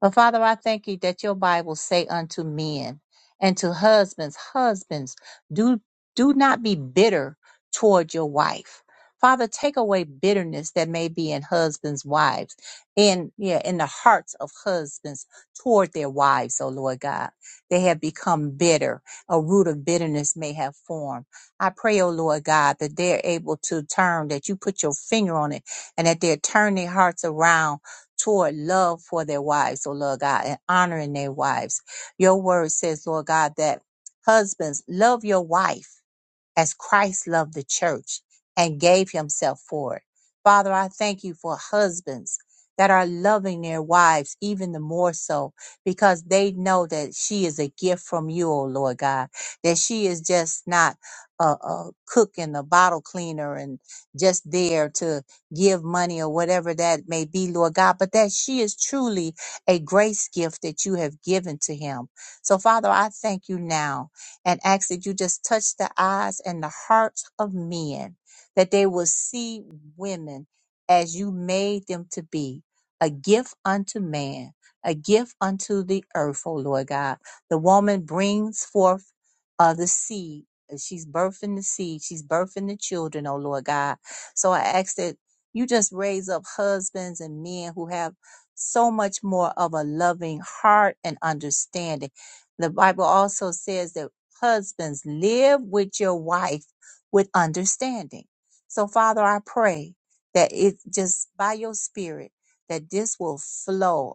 S5: But Father, I thank you that your Bible say unto men and to husbands, husbands, do do not be bitter toward your wife. Father, take away bitterness that may be in husbands' wives, in yeah, in the hearts of husbands toward their wives, oh Lord God. They have become bitter. A root of bitterness may have formed. I pray, oh Lord God, that they're able to turn, that you put your finger on it, and that they're turning their hearts around toward love for their wives, oh Lord God, and honoring their wives. Your word says, Lord God, that husbands love your wife as Christ loved the church and gave himself for it. Father, I thank you for husbands that are loving their wives even the more so because they know that she is a gift from you, oh Lord God, that she is just not a, a cook and a bottle cleaner and just there to give money or whatever that may be, Lord God, but that she is truly a grace gift that you have given to him. So, Father, I thank you now and ask that you just touch the eyes and the hearts of men, that they will see women as you made them to be, a gift unto man, a gift unto the earth, oh Lord God. The woman brings forth uh, the seed. She's birthing the seed. She's birthing the children, oh Lord God. So I ask that you just raise up husbands and men who have so much more of a loving heart and understanding. The Bible also says that Husbands, live with your wife with understanding. So, Father, I pray that it just by your spirit that this will flow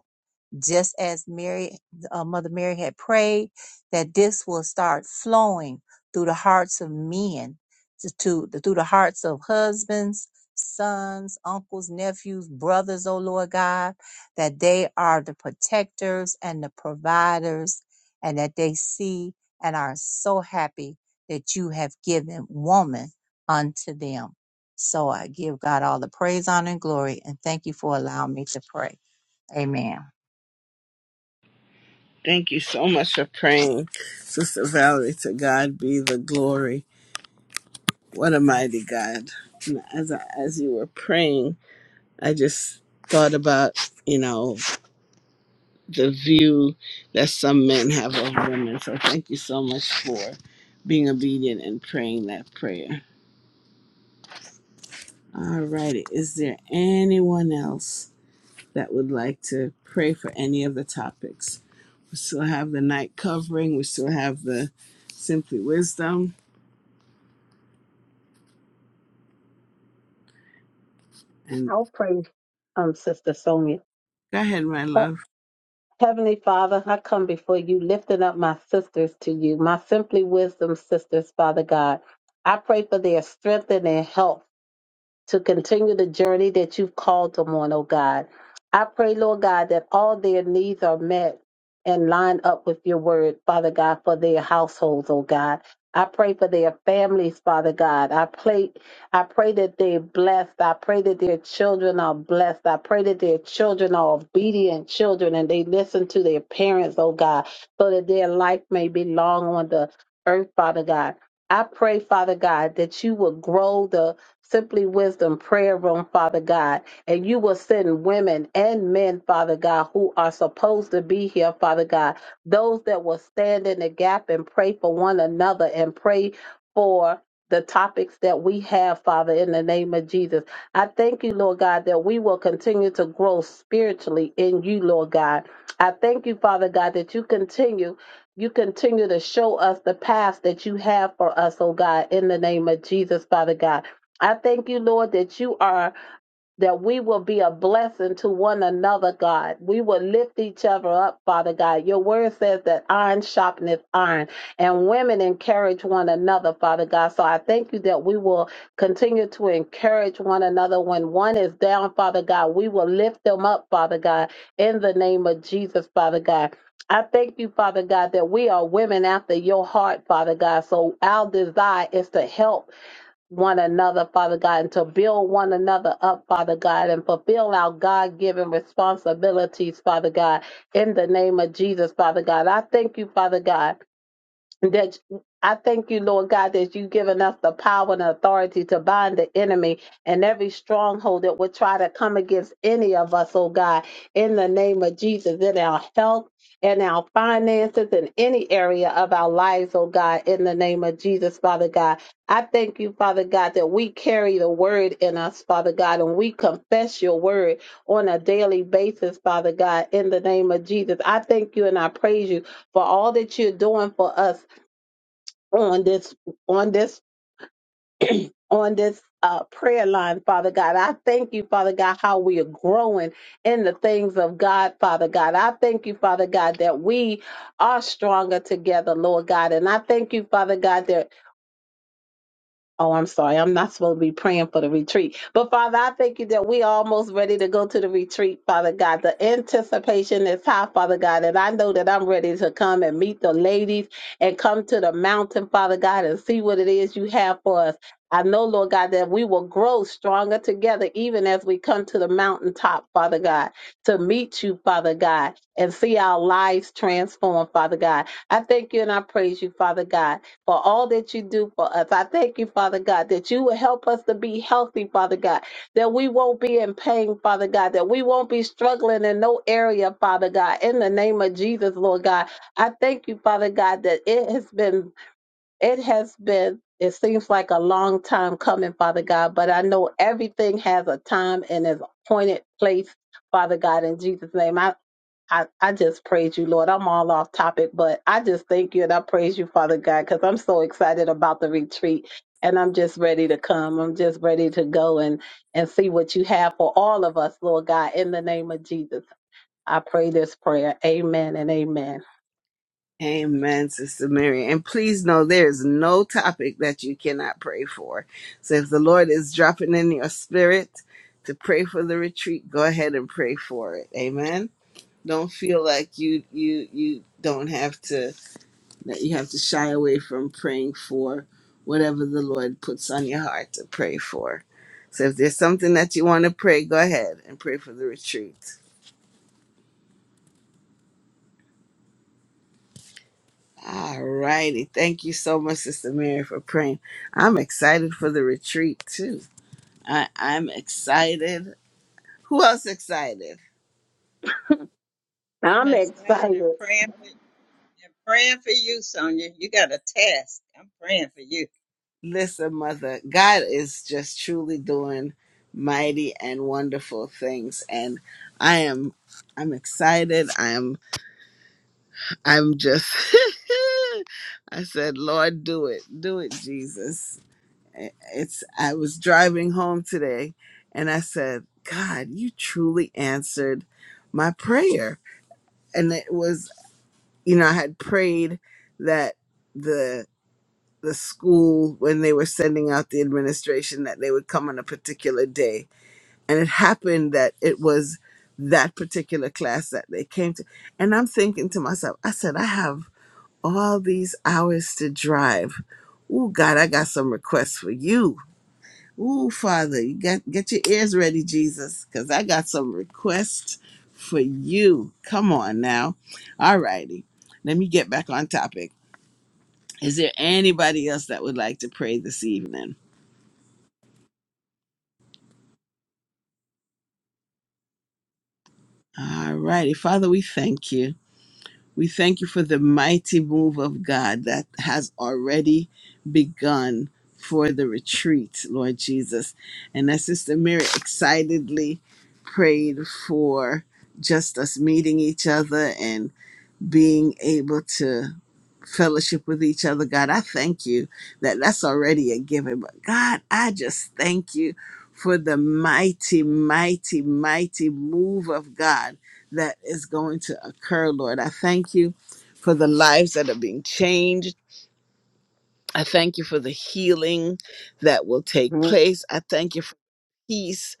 S5: just as Mary, uh, Mother Mary had prayed, that this will start flowing through the hearts of men, to, to through the hearts of husbands, sons, uncles, nephews, brothers. Oh Lord God, that they are the protectors and the providers, and that they see and are so happy that you have given woman unto them. So I give God all the praise, honor, and glory, and thank you for allowing me to pray. Amen.
S1: Thank you so much for praying, Sister Valerie. To God be the glory. What a mighty God. And As, I, as you were praying, I just thought about, you know, the view that some men have of women. So thank you so much for being obedient and praying that prayer. All righty. Is there anyone else that would like to pray for any of the topics? We still have the night covering, we still have the simply wisdom. And
S4: um, Sister Sonia.
S1: go ahead, my
S4: Uh,
S1: love.
S4: Heavenly Father, I come before you, lifting up my sisters to you, my Simply Wisdom sisters, Father God. I pray for their strength and their health. to continue the journey that you've called them on, oh God. I pray, Lord God, that all their needs are met and lined up with your word, Father God, for their households, oh God. I pray for their families, Father God. I pray, I pray that they're blessed. I pray that their children are blessed. I pray that their children are obedient children and they listen to their parents, oh God, so that their life may be long on the earth, Father God. I pray, Father God, that you will grow the Simply Wisdom Prayer Room, Father God. And you will send women and men, Father God, who are supposed to be here, Father God. Those that will stand in the gap and pray for one another and pray for the topics that we have, Father, in the name of Jesus. I thank you, Lord God, that we will continue to grow spiritually in you, Lord God. I thank you, Father God, that you continue. You continue to show us the path that you have for us, oh God, in the name of Jesus, Father God. I thank you, Lord, that you are, that we will be a blessing to one another, God. We will lift each other up, Father God. Your word says that iron sharpeneth iron, and women encourage one another, Father God. So I thank you that we will continue to encourage one another. When one is down, Father God, we will lift them up, Father God, in the name of Jesus, Father God. I thank you, Father God, that we are women after your heart, Father God. So our desire is to help one another, Father God, and to build one another up, Father God, and fulfill our God given responsibilities, Father God, in the name of Jesus, Father God. I thank you, Father God that I thank you, Lord God, that you've given us the power and authority to bind the enemy and every stronghold that would try to come against any of us, oh God, in the name of Jesus, in our health, and our finances, in any area of our lives, oh God, in the name of Jesus, Father God. I thank you, Father God, that we carry the word in us, Father God, and we confess your word on a daily basis, Father God, in the name of Jesus. I thank you and I praise you for all that you're doing for us on this on this on this uh, prayer line, Father God. I thank you, Father God, how we are growing in the things of God, Father God. I thank you, Father God, that we are stronger together, Lord God. And I thank you, Father God, that Oh, I'm sorry. I'm not supposed to be praying for the retreat. But Father, I thank you that we are almost ready to go to the retreat, Father God. The anticipation is high, Father God. And I know that I'm ready to come and meet the ladies and come to the mountain, Father God, and see what it is you have for us. I know, Lord God, that we will grow stronger together even as we come to the mountaintop, Father God, to meet you, Father God, and see our lives transformed, Father God. I thank you and I praise you, Father God for all that you do for us. I thank you, Father God, that you will help us to be healthy, Father God, that we won't be in pain, Father God, that we won't be struggling in no area, Father God, in the name of Jesus, Lord God. I thank you, Father God, that it has been, it has been. It seems like a long time coming, Father God, but I know everything has a time and is appointed place, Father God, in Jesus' name. I, I just praise you, Lord. I'm all off topic, but I just thank you and I praise you, Father God, because I'm so excited about the retreat and I'm just ready to come. I'm just ready to go and, and see what you have for all of us, Lord God, in the name of Jesus. I pray this prayer. Amen and amen.
S1: Amen, Sister Mary. And please know there is no topic that you cannot pray for. So if the Lord is dropping in your spirit to pray for the retreat, go ahead and pray for it. Amen. Don't feel like you you you don't have to that you have to shy away from praying for whatever the Lord puts on your heart to pray for. So if there's something that you want to pray, go ahead and pray for the retreat. All righty. Thank you so much, Sister Mary, for praying. I'm excited for the retreat too. I, I'm excited. Who else excited?
S2: I'm
S4: I'm
S2: excited and
S4: excited.
S2: praying for and praying for you, Sonia. You got a task. I'm praying for you.
S1: Listen, Mother, God is just truly doing mighty and wonderful things. And I am I'm excited. I'm I'm just I said, Lord, do it. Do it, Jesus. eh, it's I was driving home today and I said, God, you truly answered my prayer. And it was, you know, I had prayed that the the school when they were sending out the administration that they would come on a particular day. And it happened that it was that particular class that they came to. And I'm thinking to myself, I said, I have all these hours to drive. Oh God, I got some requests for you Ooh, Father, you got get your ears ready, Jesus, because I got some requests for you. Come on now. All righty. Let me get back on topic. Is there anybody else that would like to pray this evening? All righty. Father, we thank you. We thank you for the mighty move of God that has already begun for the retreat, Lord Jesus. And as Sister Mary excitedly prayed for just us meeting each other being able to fellowship with each other. God, I thank you that that's already a given. But God, I just thank you for the mighty, mighty, mighty move of God that is going to occur, Lord. I thank you for the lives that are being changed. I thank you for the healing that will take place. I thank you peace.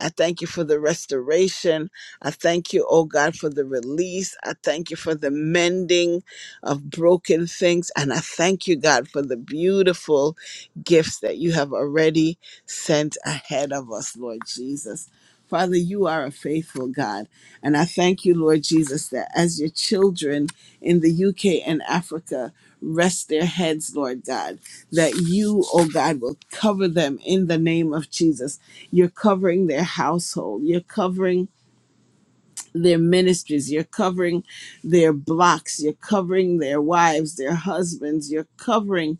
S1: I thank you for the restoration. I thank you, oh God, for the release. I thank you for the mending of broken things. And I thank you, God, for the beautiful gifts that you have already sent ahead of us, Lord Jesus. Father, you are a faithful God. And I thank you, Lord Jesus, that as your children in the UK and Africa rest their heads, Lord God, that you, oh God, will cover them in the name of Jesus you're covering their household. You're covering their ministries. You're covering their blocks. You're covering their wives, their husbands. You're covering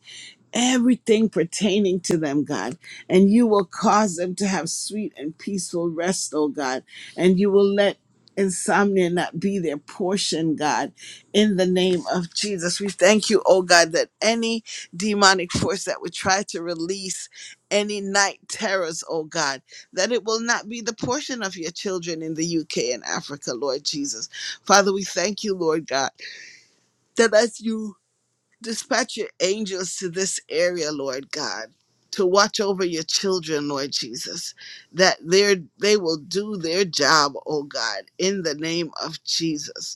S1: everything pertaining to them, God. And you will cause them to have sweet and peaceful rest, oh God. And you will let insomnia not be their portion, God, in the name of Jesus. We thank you, oh God, that any demonic force that would try to release any night terrors, oh God, that it will not be the portion of your children in the UK and Africa, Lord Jesus. Father, we thank you, Lord God, that as you Dispatch your angels to this area, Lord God, to watch over your children, Lord Jesus, that they're- they will do their job, oh God, in the name of Jesus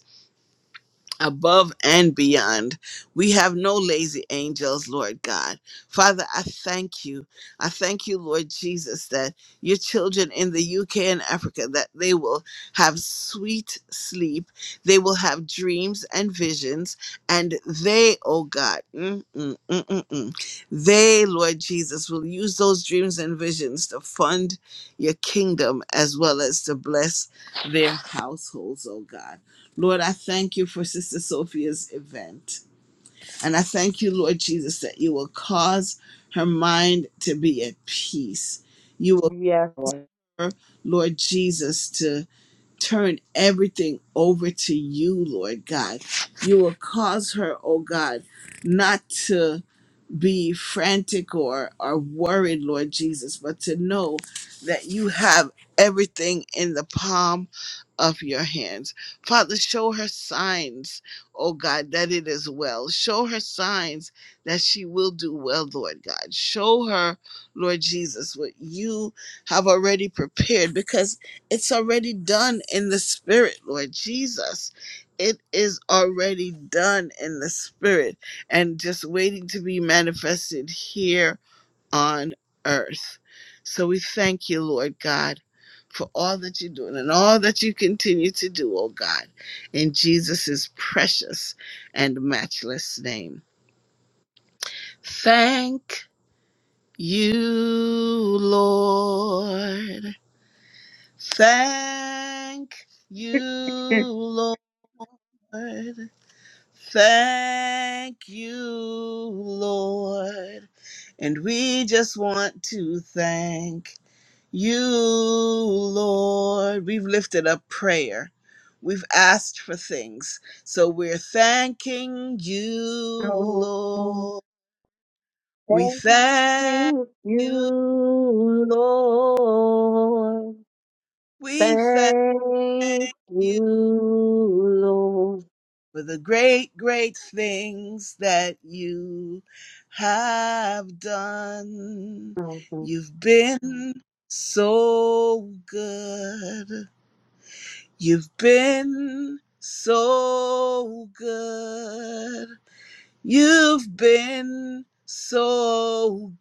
S1: above and beyond. We have no lazy angels, Lord God. Father, I thank you. I thank you, Lord Jesus, that your children in the UK and Africa that they will have sweet sleep. They will have dreams and visions and they, oh God, mm, mm, mm, mm, mm, they, Lord Jesus, will use those dreams and visions to fund your kingdom as well as to bless their households, oh God. Lord, I thank you for Sister Sophia's event. And I thank you, Lord Jesus, that you will cause her mind to be at peace. You
S4: Yes.
S1: will, Lord Jesus, to turn everything over to you, Lord God. You will cause her, oh God, not to be frantic or or worried, Lord Jesus, but to know that you have everything in the palm of your hands. Father, show her signs, oh God, that it is well. Show her signs that she will do well, Lord God. Show her, Lord Jesus, what you have already prepared because it's already done in the spirit, Lord Jesus. It is already done in the spirit and just waiting to be manifested here on earth. So we thank you, Lord God, for all that you're doing and all that you continue to do, oh God, in Jesus' precious and matchless name. Thank you, Lord. Thank you, Lord. Thank you, Lord. And we just want to thank you, Lord. We've lifted up prayer. We've asked for things. So we're thanking you,
S4: Lord.
S1: Lord. We thank
S4: Thank
S1: you.
S4: you, Lord.
S1: We thank
S4: Thank
S1: you.
S4: you,
S1: for the great, great things that you have done.
S4: Lord.
S1: You've been so good. You've been so good. You've been so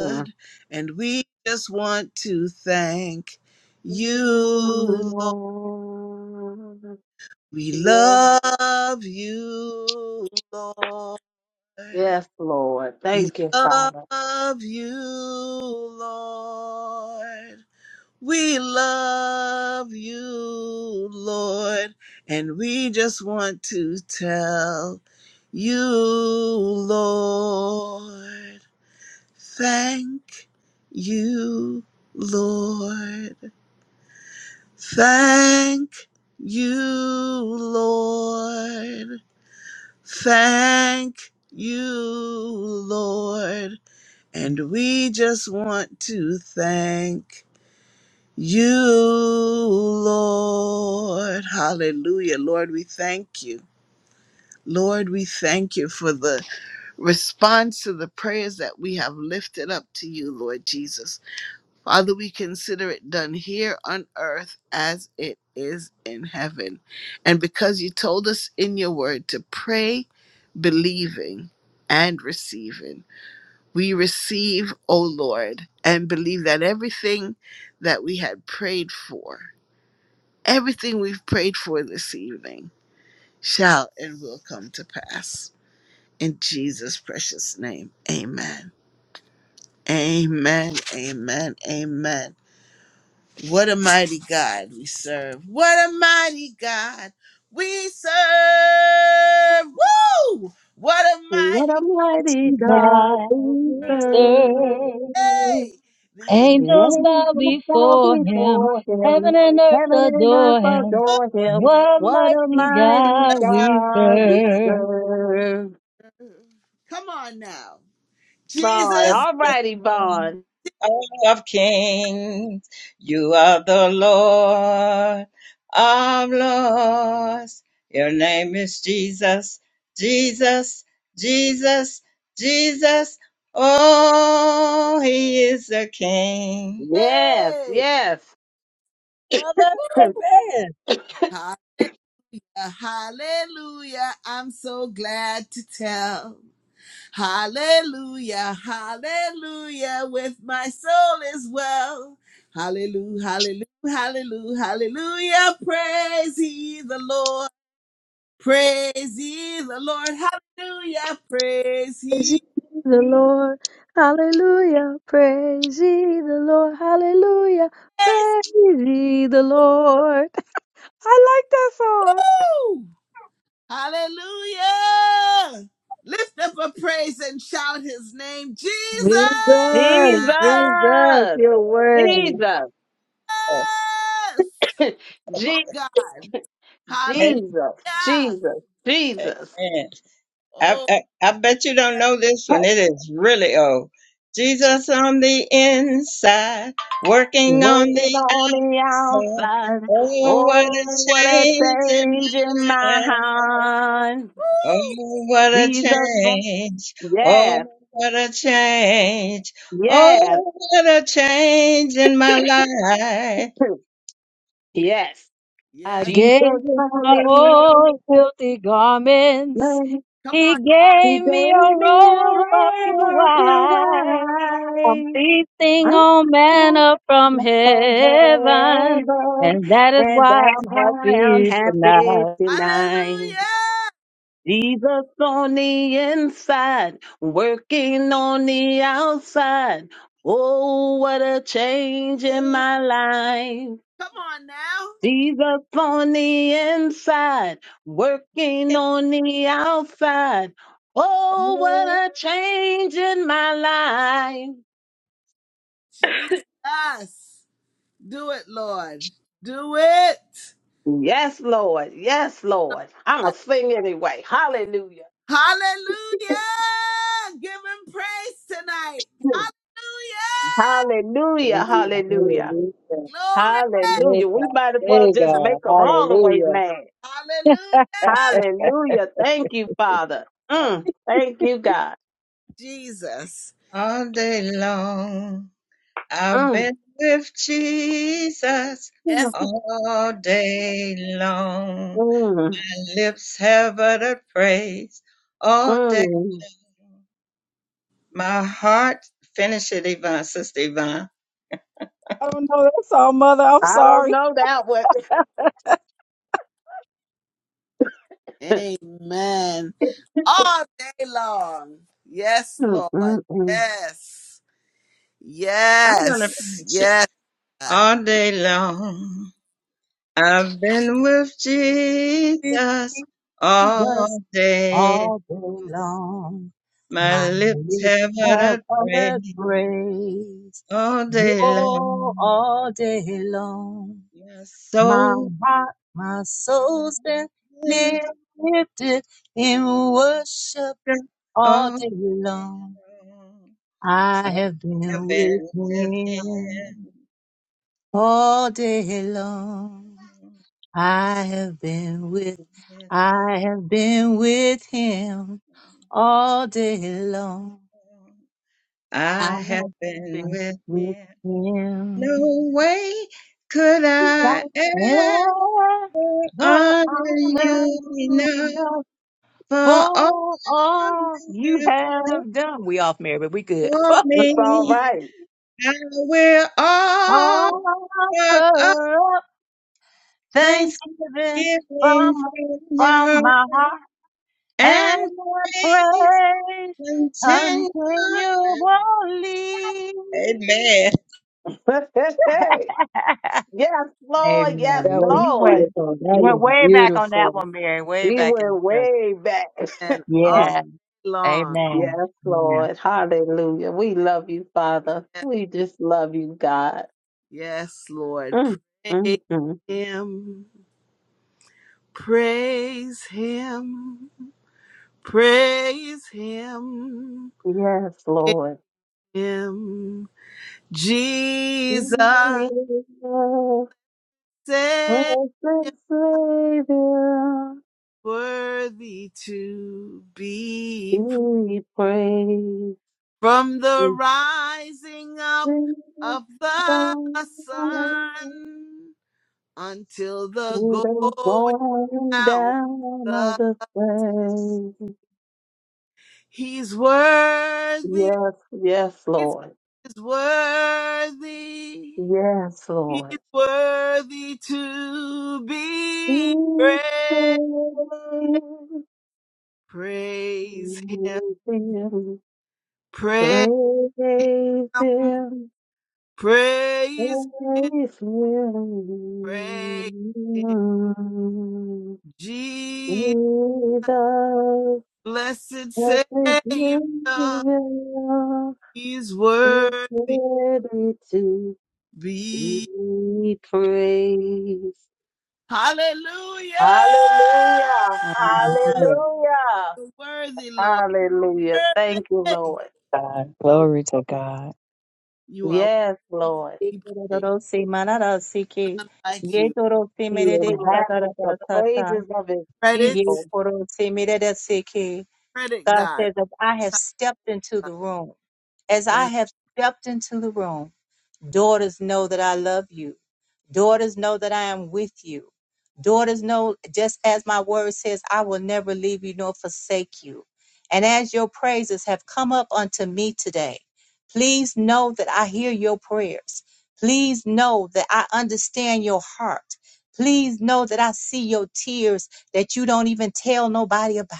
S4: Yes,
S1: And we just want to thank you, Lord. We love you, Lord.
S4: Lord.
S1: We
S4: Thank you, Father.
S1: love you, Lord. We love you, Lord. And we just want to tell you, Lord. Thank you, Lord. Thank you, Lord. Thank you, Lord. And we just want to thank you, Lord. Hallelujah. Lord, we thank you. Lord, we thank you for the response to the prayers that we have lifted up to you, Lord Jesus. Father, we consider it done here on earth as it is in heaven. And because you told us in your word to pray, believing, and receiving. We receive, O Lord, and believe that everything that we had prayed for, everything we've prayed for this evening, shall and will come to pass. In Jesus' precious name, amen. Amen, amen, amen. What a mighty God we serve. What a mighty God we serve. Woo! What a
S4: What a
S1: mighty
S4: mighty
S6: Mighty
S4: God
S6: God,
S4: we
S6: we
S4: serve.
S6: serve.
S1: day. The angel
S4: The
S6: Angels bow
S4: angels bow
S6: before him.
S4: before him.
S6: Heaven and earth
S4: Heaven and earth
S6: adore him.
S1: of
S4: adore him.
S6: What
S4: What a
S6: mighty
S4: mighty
S6: God
S1: my-
S6: we
S4: God we
S6: serve.
S4: serve.
S1: Come on now.
S4: Bond.
S1: Jesus.
S4: All righty,
S2: King
S4: Bond.
S2: of kings. You are the Lord of lords. Your name is Jesus, Jesus, Jesus, Jesus. Oh, he is the King.
S4: Yes,
S1: Hey.
S4: yes.
S6: Mother, amen.
S1: Hallelujah. Hallelujah. I'm so glad to tell. Hallelujah. Hallelujah. With my soul as well. Hallelujah. Hallelujah. Hallelujah. Hallelujah. Praise ye the Lord. Praise ye the Lord. Hallelujah. Praise
S6: Praise
S1: ye.
S6: ye the Lord. Hallelujah. Praise ye the Lord. Hallelujah.
S1: Praise.
S6: Praise ye the Lord. I like that song.
S1: Woo! Hallelujah. Lift up a praise and shout his name, Jesus.
S6: Jesus, Jesus,
S4: Jesus.
S6: you're worthy.
S4: Jesus.
S1: Oh God.
S2: Amen.
S1: Hallelujah.
S4: Jesus, Jesus, Jesus.
S2: I,
S1: Oh
S2: I, I bet you don't know this one. It is really old. Jesus on the inside, working on
S4: Working
S2: the
S4: on the
S2: So,
S4: outside.
S2: Oh,
S4: Oh,
S2: what a
S4: what a
S2: change in
S4: change in
S2: my
S4: my
S2: life.
S4: heart.
S2: Oh, what a
S4: Jesus,
S2: change. Oh,
S4: Yes,
S2: what a change.
S4: yes,
S2: Oh, what a change in my life.
S4: yes.
S6: I
S1: yes.
S4: Jesus
S6: gave him
S4: on
S6: my
S4: the
S6: old filthy garments.
S4: outside.
S1: Come
S6: He
S1: on.
S4: He
S6: gave me a
S4: gave me
S6: robe of
S4: a
S6: pure
S4: river pure
S6: white. I'm
S4: wine.
S6: feasting
S4: I'm
S6: on
S4: full
S6: manna from
S4: of
S6: heaven.
S4: heaven,
S6: And that is
S4: and
S6: why
S4: that's
S6: I'm
S4: why I'm
S6: happy
S4: happy
S6: tonight.
S4: tonight.
S1: Hallelujah.
S4: Jesus on the inside, working on the outside. Oh, what a change in my life.
S1: Come on now.
S4: Jesus on the inside, working on the outside. Oh, what a change in my life.
S1: Jesus. Do it, Lord. Do it.
S4: Yes, Lord. Yes, Lord. I'm going to sing anyway. Hallelujah.
S1: Hallelujah. Give him praise tonight. Hallelujah.
S4: Hallelujah.
S6: Hallelujah.
S4: Hallelujah.
S6: Hallelujah.
S1: Glory.
S6: Praise
S4: Hallelujah. We
S6: God.
S4: might as well
S6: Praise
S4: just
S6: God.
S4: make them all the way
S6: Hallelujah.
S4: mad.
S1: Hallelujah.
S6: I
S4: Hallelujah. Thank you, Father. Mm. Thank you, God.
S1: Jesus.
S2: All day long, I've
S4: Mm.
S2: been with Jesus
S1: Yes.
S2: all day long.
S4: Mm.
S2: My lips have uttered praise all day
S4: Mm.
S2: long. My heart, finish it, Yvonne, Sister Yvonne.
S6: don't know that song, Mother. I'm
S4: I don't
S6: sorry.
S4: know that one.
S1: Amen. All day long. Yes,
S4: Mm,
S1: Lord.
S4: mm, mm.
S1: Yes.
S2: I'm going to
S1: Yes.
S2: finish it
S1: Yes.
S2: all day long. I've been with
S5: with
S2: Jesus
S5: Jesus
S2: all day.
S5: all day long. My
S2: My lips
S5: lips
S2: have
S5: have
S2: uttered
S5: uttered
S2: praise
S5: praise,
S2: all day
S5: oh,
S2: long.
S5: all day long.
S2: My
S5: My
S2: soul
S5: heart, my soul's been
S2: will lift
S5: lifted in worship all
S2: all
S5: day
S2: day
S5: long.
S2: long.
S5: I have
S2: I've
S5: been
S2: been
S5: with
S2: with
S5: Him
S2: him.
S5: all day long. I have been with,
S2: With
S5: I
S2: him.
S5: have been with him all day long. I
S2: I have
S5: have
S2: been
S5: been
S2: with
S5: with
S2: him. No
S5: him.
S2: way could I
S5: Forever
S2: ever honor
S5: honor
S2: you
S5: you
S2: enough
S5: enough
S2: for all
S5: for
S2: you
S5: all you
S2: have done
S5: have done. We off Mary, but we good.
S2: for
S4: That's all
S2: me.
S4: right.
S2: I will offer up
S5: Offer up
S2: thanksgiving
S5: thanksgiving from
S2: from your
S5: from
S2: heart
S5: my heart. and
S2: and praise
S5: praise
S2: continue.
S5: continually.
S2: Amen.
S4: yes,
S5: Amen.
S4: Lord. Yes,
S6: That
S5: Well,
S6: was
S5: you
S4: Lord.
S5: went,
S6: beautiful.
S5: you
S6: That
S5: went
S6: was
S5: way back on that
S6: beautiful.
S5: one, Mary. Way
S4: She
S5: back in the
S4: went
S5: church.
S4: way back.
S1: And all
S5: Yeah.
S1: long.
S4: yes,
S5: Amen. Amen.
S4: Lord. Hallelujah. We love you, Father.
S1: Yes,
S4: We just love you, God.
S1: yes, Lord.
S4: Mm,
S1: Praise
S4: mm, mm.
S1: Him. Praise Him. Praise Him.
S4: Yes, Lord.
S1: Him. Jesus.
S4: Savior,
S1: Savior,
S4: Precious Savior,
S1: Worthy to be
S4: be praised.
S1: from the
S4: We
S1: rising up
S4: sing a
S1: of the
S4: song
S1: sun until the
S4: to the
S1: going
S4: going
S1: down.
S4: down
S1: of
S4: of the same.
S1: he's worthy.
S4: Yes, yes,
S1: Jesus
S4: Lord.
S1: is worthy.
S4: Yes,
S1: He's
S4: Lord.
S1: worthy to be
S4: Be
S1: praised.
S4: praised.
S1: Praise him.
S4: Be praised.
S1: Praise
S4: Praise
S1: him.
S4: Him.
S1: Praise
S4: Without
S1: him. Praise him. Jesus. Blessed
S4: what they
S1: Savior,
S4: do,
S1: He's worthy
S4: ready to
S1: be.
S4: be praised.
S1: Hallelujah!
S4: Hallelujah.
S6: Hallelujah.
S4: Hallelujah.
S1: The worthy Lord,
S4: Hallelujah. Thank you,
S1: worthy.
S4: Lord.
S6: God.
S1: You are
S6: Glory to
S1: worthy
S6: God.
S1: You are
S4: Yes,
S1: worthy
S4: Lord.
S1: to be praised.
S5: Ikorororosi mararasiki.
S1: None like you.
S5: Yetorosi
S4: He
S5: merede
S4: inhabits the
S5: katarabasata.
S4: praises of his
S1: Credit,
S4: people.
S5: Yekorosi meredesiki.
S1: credit
S5: God
S1: God.
S5: says, "As I have stepped into
S1: God,
S5: the room, as I
S1: Thank
S5: have stepped into the room, daughters know that I love you. Daughters, know that I am with you. Daughters, know just as my word says, I will never leave you nor forsake you. And as your praises have come up unto me today, please know that I hear your prayers. Please know that I understand your heart. Please know that I see your tears that you don't even tell nobody about.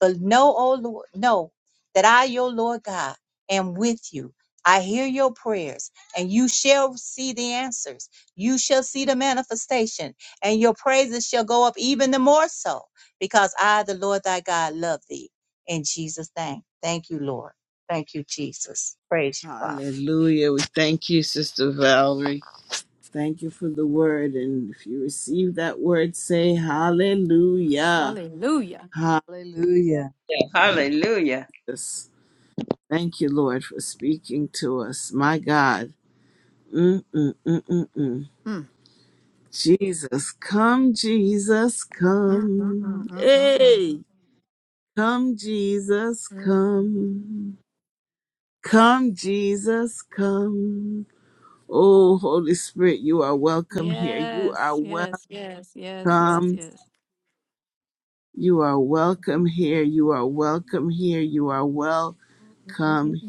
S5: But know, oh Lord, know that I, your Lord God, am with you. I hear your prayers and you shall see the answers you shall see the manifestation, and your praises shall go up even the more so, because I, the Lord thy God, love thee. In Jesus' name. Thank you, Lord. Thank you, Jesus. Praise you, Father.
S1: Hallelujah. We thank you, Sister Valerie. Thank you for the word. And if you receive that word, say hallelujah.
S7: Hallelujah.
S6: Hallelujah.
S2: Hallelujah.
S1: Hallelujah. Thank you, Lord, for speaking to us. My God. Mm, mm, mm, mm, mm.
S7: Mm,
S1: Jesus, come, Jesus,
S7: mm, mm, mm,
S1: come.
S7: mm, mm, mm.
S1: Hey, come, Jesus,
S7: Mm.
S1: come. Come, Jesus, come. Oh, Holy Spirit, you are welcome here. You are
S7: Yes, yes, yes, yes, yes,
S1: welcome.
S7: yes.
S1: You are welcome here. You are welcome here. You are welcome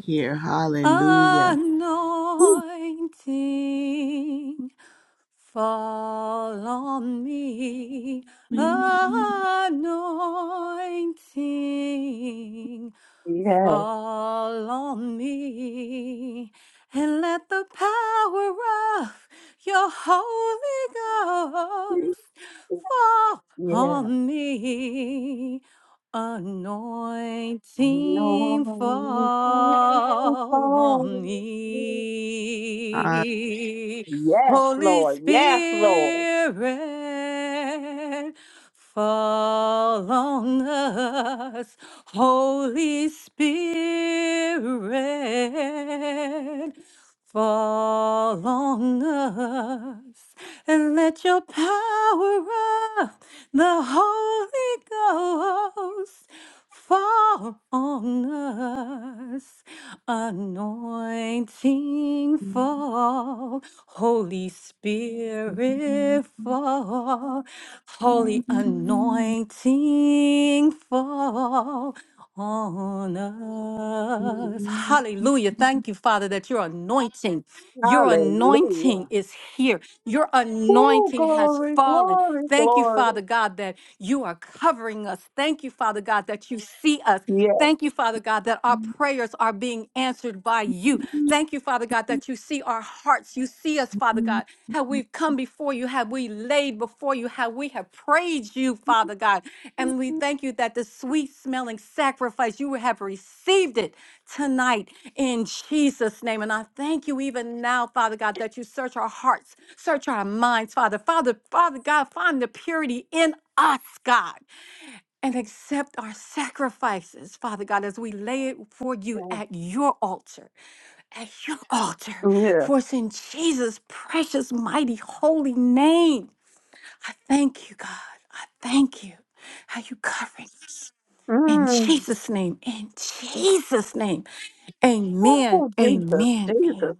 S1: here. Hallelujah.
S7: anointing fall on me anointing
S4: Yes.
S7: fall on me and let the power of your holy ghost fall
S4: Yes.
S7: on me Anointing
S4: Lord,
S7: fall on
S1: Hallelujah.
S7: me.
S4: Yes,
S7: Holy
S4: Lord. Yes, Lord.
S7: Spirit, fall on us. Holy Spirit, fall on us and let your power of the Holy Ghost fall on us. Anointing fall, Holy Spirit fall, Holy anointing fall on us. Hallelujah. Thank you, Father, that your anointing, your anointing
S4: Hallelujah.
S7: is here. Your
S4: Oh,
S7: anointing has
S4: glory,
S7: fallen.
S4: glory,
S7: Thank you,
S4: glory.
S7: Father God, that you are covering us. Thank you, Father God, that you see us.
S4: Yes,
S7: Thank you, Father God, that our prayers are being answered by you. Thank you, Father God, that you see our hearts. You see us, Father God, how we've come before you, how we laid before you, how we have praised you, Father God. And we thank you that the sweet smelling sacrifice, you have received it tonight in Jesus' name. And I thank you even now, Father God, that you search our hearts, search our minds, Father. Father, Father God, find the purity in us, God and accept our sacrifices, Father God, as we lay it for you at your altar, at your altar.
S4: yes.
S7: For it's in Jesus' precious, mighty, holy name. I thank you, God. I thank you. How you covering in
S4: Mm.
S7: Jesus' name, in Jesus' name. Amen.
S4: Oh, Jesus,
S7: Amen.
S4: Jesus.
S7: Amen.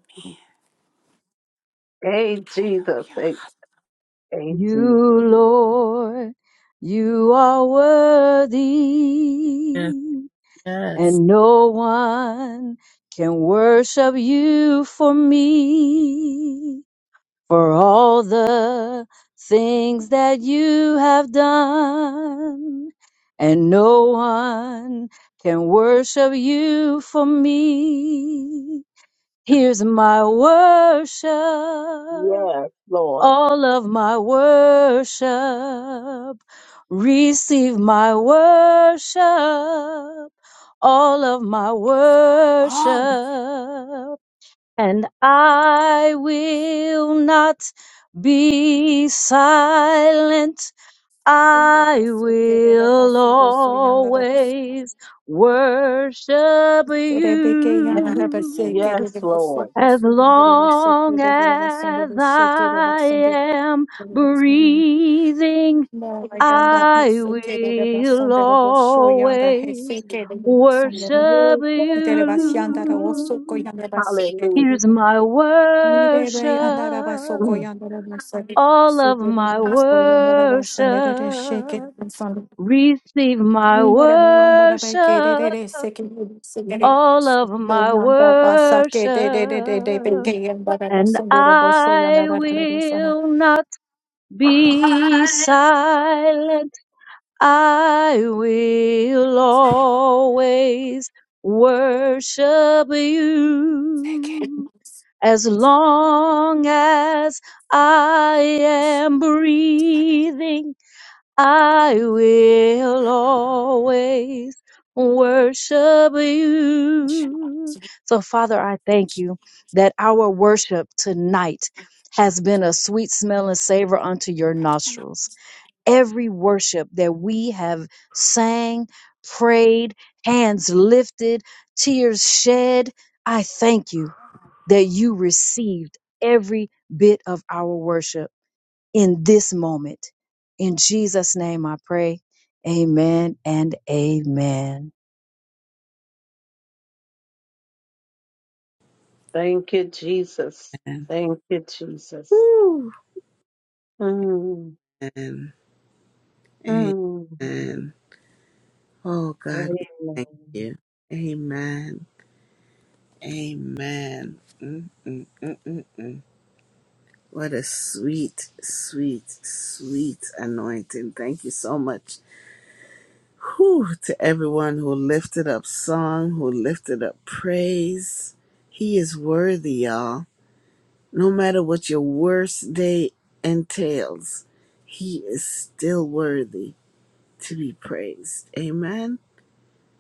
S4: Hey, Jesus.
S7: Hallelujah.
S4: Hey, hey,
S6: You,
S4: Jesus.
S6: Lord, you are worthy,
S1: Yes.
S6: and no one can worship you for me, for all the things that you have done, and no one can worship you for me. Here's my
S4: Yes,
S6: worship.
S4: Lord.
S6: all of my worship. Receive my worship, all of my worship,
S7: All
S6: and I will not be silent. I will always worship
S7: Rebeke yandere bese
S6: you.
S4: Yes,
S7: kerede
S4: Lord.
S7: boso
S6: As
S7: boso yandere bese
S6: long
S7: kerede bola sende
S6: as
S7: bese kerede
S6: I
S7: basende
S6: am breathing,
S7: Mora yanda
S6: I
S7: ese kerede
S6: will
S7: basende boso yanda hese
S6: always
S7: kerede basende
S6: worship
S7: itere basyanda ra oso ko
S6: you.
S7: yanda base
S4: Hallelujah.
S6: Here's
S7: kerede
S6: my
S7: mire be
S6: worship,
S7: yanda ra baso ko
S4: Mm.
S7: yanda ra base
S6: all of
S7: kerede
S6: my
S7: boso yanda ra
S6: worship.
S7: basende re sheke
S6: Receive my
S7: Yes.
S6: worship, all of my worship. and I will not be silent. I will always worship you as long as I am breathing. I will always worship you. So, Father, I thank you that our worship tonight has been a sweet smell and savor unto your nostrils. Every worship that we have sang, prayed, hands lifted, tears shed, I thank you that you received every bit of our worship in this moment. In Jesus' name I pray. Amen and amen.
S4: Thank you, Jesus.
S1: Amen.
S4: Thank you, Jesus.
S1: Woo.
S4: Mm.
S1: Amen.
S4: Mm.
S1: Amen. Oh God,
S4: Yes.
S1: we thank you. Amen. Amen. mm mm mm mm mm. What a sweet, sweet, sweet anointing. Thank you so much. Whew, to everyone who lifted up song, who lifted up praise. He is worthy, y'all. No matter what your worst day entails, he is still worthy. to be praised. Amen.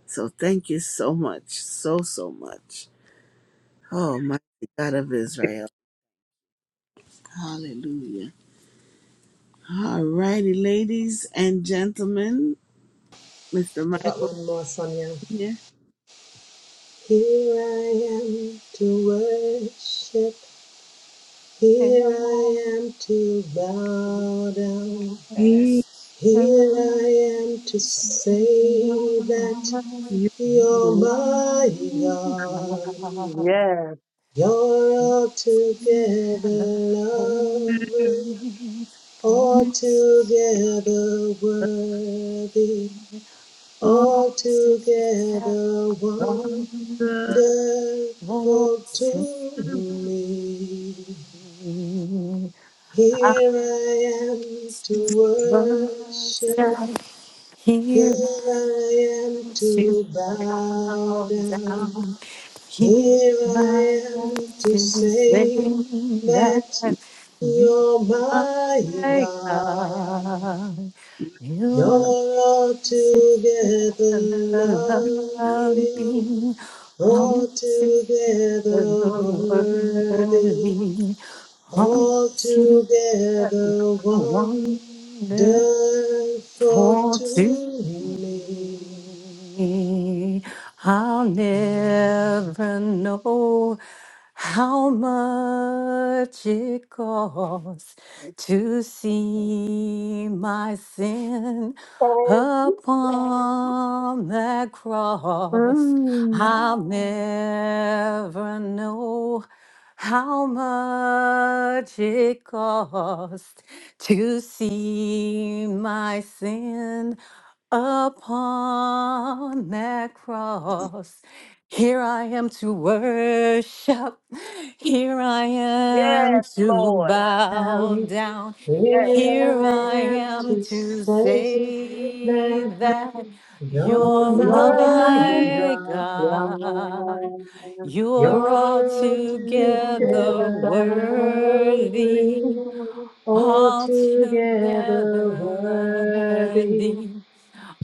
S1: So thank you so much, so, so much. Oh, mighty God of Israel. Hallelujah. All righty, ladies and gentlemen. Mr.
S8: I've got
S1: Michael
S8: one more, Sonia.
S1: here.
S8: Here I am to worship. Here I am to bow down.
S1: He,
S8: Here I am to say that
S1: you
S8: you're my God. You're altogether lovely,
S7: One,
S8: altogether worthy,
S1: all.
S8: altogether wonderful. Therefore to me,
S7: I
S8: here I am
S7: to
S8: to worship,
S7: worship here I
S8: here I am
S7: am to
S8: to
S7: bow
S8: bow down,
S7: down. Here
S8: here
S7: I
S8: I am
S7: am
S8: to
S7: to say
S8: say
S7: that you are
S8: that you're my
S7: my
S8: God.
S7: God. You
S8: You're altogether
S7: altogether love
S8: lovely,
S7: me, altogether
S8: altogether worthy.
S7: worthy.
S8: All
S7: All
S8: together, wonderful
S7: Wonderful
S8: to
S7: to
S8: me.
S7: me. I'll never know how much it costs to see my sin upon that cross.
S4: Mm.
S7: I'll never know how much it costs to see my sin upon that cross. Hear am to worship, hear am
S4: Yes,
S7: to
S4: Lord.
S7: bow
S8: Now
S7: down.
S4: Yes.
S8: here
S7: Here
S8: I
S7: I
S8: am
S7: am
S8: to
S7: to
S8: say
S7: say
S8: that
S7: that
S8: you're
S7: you're
S4: Your
S8: my
S4: name.
S7: my
S8: God.
S7: God.
S8: You're
S7: You're
S8: all
S4: your
S7: altogether
S8: together
S7: worthy,
S8: lovely,
S4: name,
S8: all together
S7: altogether
S8: worthy,
S7: worthy.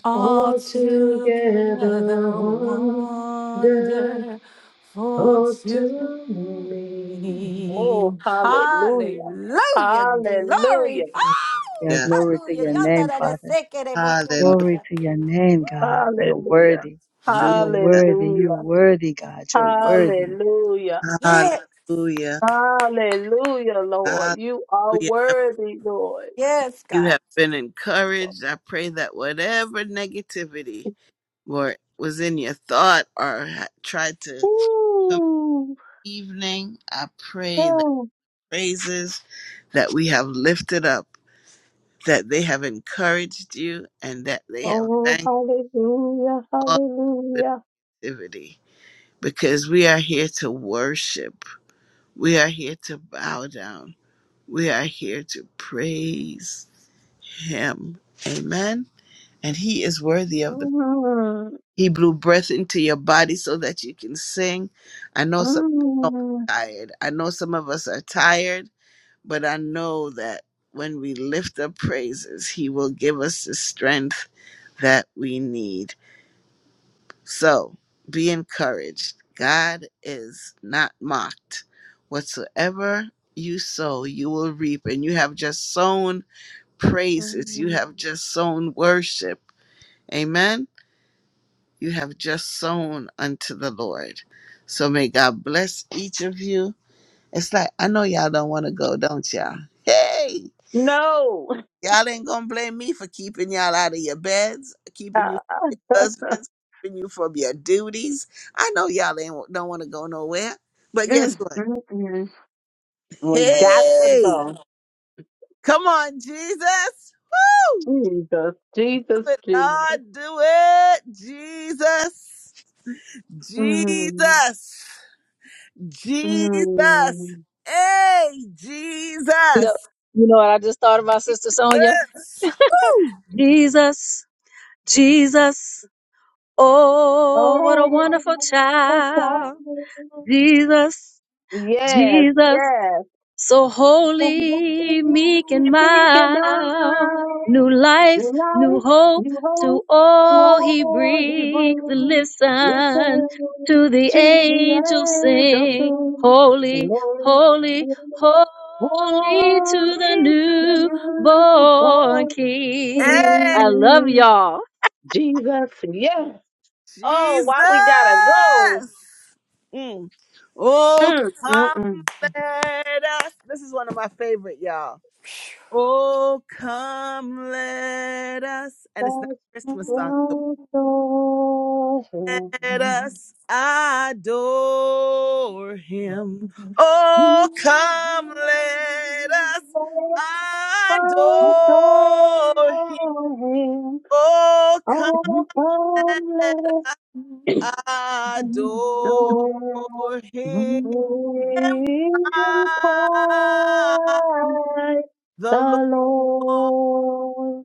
S7: all
S8: all
S7: together
S8: together wonderful.
S7: wonderful
S8: Oh,
S7: to
S8: to me,
S4: Oh,
S7: me.
S4: hallelujah.
S7: Hallelujah, glory.
S4: Hallelujah.
S7: Oh,
S6: Hallelujah.
S1: Yeah.
S6: Glory to
S7: hallelujah.
S6: your
S7: Yanda
S6: name, Father.
S7: de bo so
S1: Hallelujah.
S7: yanda
S6: Glory to your name, God. You're
S7: Woo.
S4: Hallelujah.
S6: worthy.
S4: Hallelujah.
S6: You're worthy. You're worthy, God. You're worthy.
S4: Hallelujah.
S1: Hallelujah.
S4: Hallelujah, Lord.
S1: Hallelujah.
S4: You are worthy, Lord.
S1: You have been encouraged. I pray that whatever negativity were was in your thought or ha- tried to
S4: Ooh.
S1: evening. I pray that
S4: oh,
S1: praises that we have lifted up, that they have encouraged you, and that they have
S4: Oh,
S1: thanked
S4: hallelujah.
S1: God for
S4: Hallelujah.
S1: the activity. Because we are here to worship, we are here to bow down, we are here to praise Him. Amen. And He is worthy of the.
S4: Mm,
S1: He blew breath into your body so that you can sing. I know some. I know
S4: mm,
S1: I'm tired. I know some of us are tired but I know that when we lift up praises, He will give us the strength that we need. So be encouraged. God is not mocked. Whatsoever you sow, you will reap. And you have just sown praises, you
S4: mm.
S1: have just sown worship. Amen. You have just sown unto the Lord. So may God bless each of you. It's like, I know y'all don't want to go, don't y'all? Hey!
S4: No.
S1: Y'all ain't gonna blame me for keeping y'all out of your beds, keeping you from husbands, keeping you from your duties. I know y'all ain't don't want to go nowhere, but guess
S4: Mm,
S1: what?
S4: mm, mm. We got to
S1: Hey,
S4: go.
S1: come on, Jesus! Woo!
S4: Jesus, Jesus,
S1: Do it,
S4: Jesus.
S1: Lord, do it, Jesus,
S4: Mm.
S1: Jesus, Jesus.
S4: Mm.
S1: Hey,
S6: You know,
S1: Jesus!
S6: you know what I just thought of my sister Sonia?
S1: Yes. Woo!
S6: Jesus, Jesus. Oh, what a
S4: Oh,
S6: wonderful
S4: I'm so
S6: child.
S4: sorry.
S6: Jesus,
S4: Yes,
S6: Jesus.
S4: yes.
S6: So
S4: The one thing
S6: holy, meek and
S4: we about
S6: mild, new life, new
S4: life
S6: hope
S4: you
S6: to
S4: hope to
S6: all he
S4: all you
S6: brings.
S4: bring.
S6: Listen
S4: Listen
S6: to the
S4: to
S6: angels
S4: the angels
S6: sing,
S4: sing.
S6: holy,
S4: Glory,
S6: holy, holy to
S4: holy to the
S6: the newborn
S4: newborn.
S6: king.
S1: Hey,
S6: I love
S4: King.
S6: y'all.
S4: Jesus, yes. Oh,
S1: Jesus!
S4: why we gotta go?
S1: Mm. Oh,
S4: Mm, mm,
S1: come
S4: mm.
S1: let us. This is one of my favorite, y'all. Oh, come let us. And it's not
S4: That's
S1: a Christmas song. So
S4: your story.
S1: let us adore him. Oh, come let us
S4: That's my story.
S1: adore him. Oh, come
S4: All timeless
S1: adore
S7: Yeah.
S4: story
S1: him.
S7: Hallelujah.
S4: in
S1: Ah.
S4: Christ
S1: the
S4: the
S1: Lord,
S4: Lord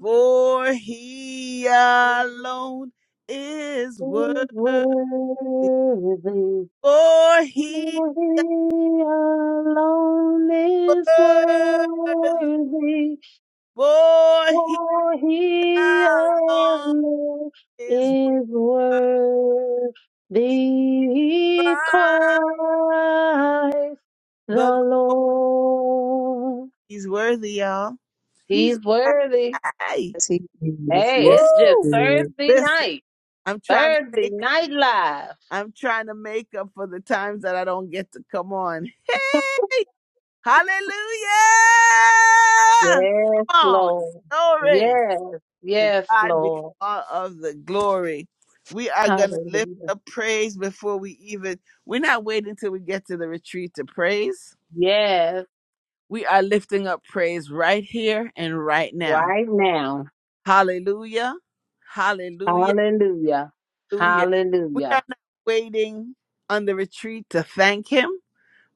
S1: for he alone is worthy,
S4: is worthy.
S1: for
S4: He
S1: he
S4: alone is
S1: worthy,
S4: worthy.
S1: for he
S4: For he
S1: alone
S4: alone
S1: is
S4: is worthy.
S1: worthy.
S4: Christ
S1: The Lord,
S4: the Lord.
S1: he's worthy, y'all. He's
S4: He's worthy.
S1: worthy.
S6: Yes, he is.
S4: Hey, it's
S6: Yes,
S4: just
S6: he
S1: Woo!
S6: is.
S4: Thursday
S1: Listen,
S4: night.
S1: I'm trying to
S4: Thursday
S1: make
S4: night live.
S1: I'm trying to make up for the times that I don't get to come on. Hallelujah!
S4: Yes,
S1: Come on.
S4: Lord.
S1: Glory.
S4: Yes,
S1: To
S4: yes,
S1: God be
S4: Lord.
S1: all of the glory. We are going to lift
S4: Hallelujah.
S1: up praise before we even, we're not waiting till we get to the retreat to praise.
S4: Yes.
S1: We are lifting up praise right here and right now.
S4: right now.
S1: Hallelujah. Hallelujah.
S4: Hallelujah.
S1: Hallelujah. We are
S4: Hallelujah.
S1: not waiting on the retreat to thank him.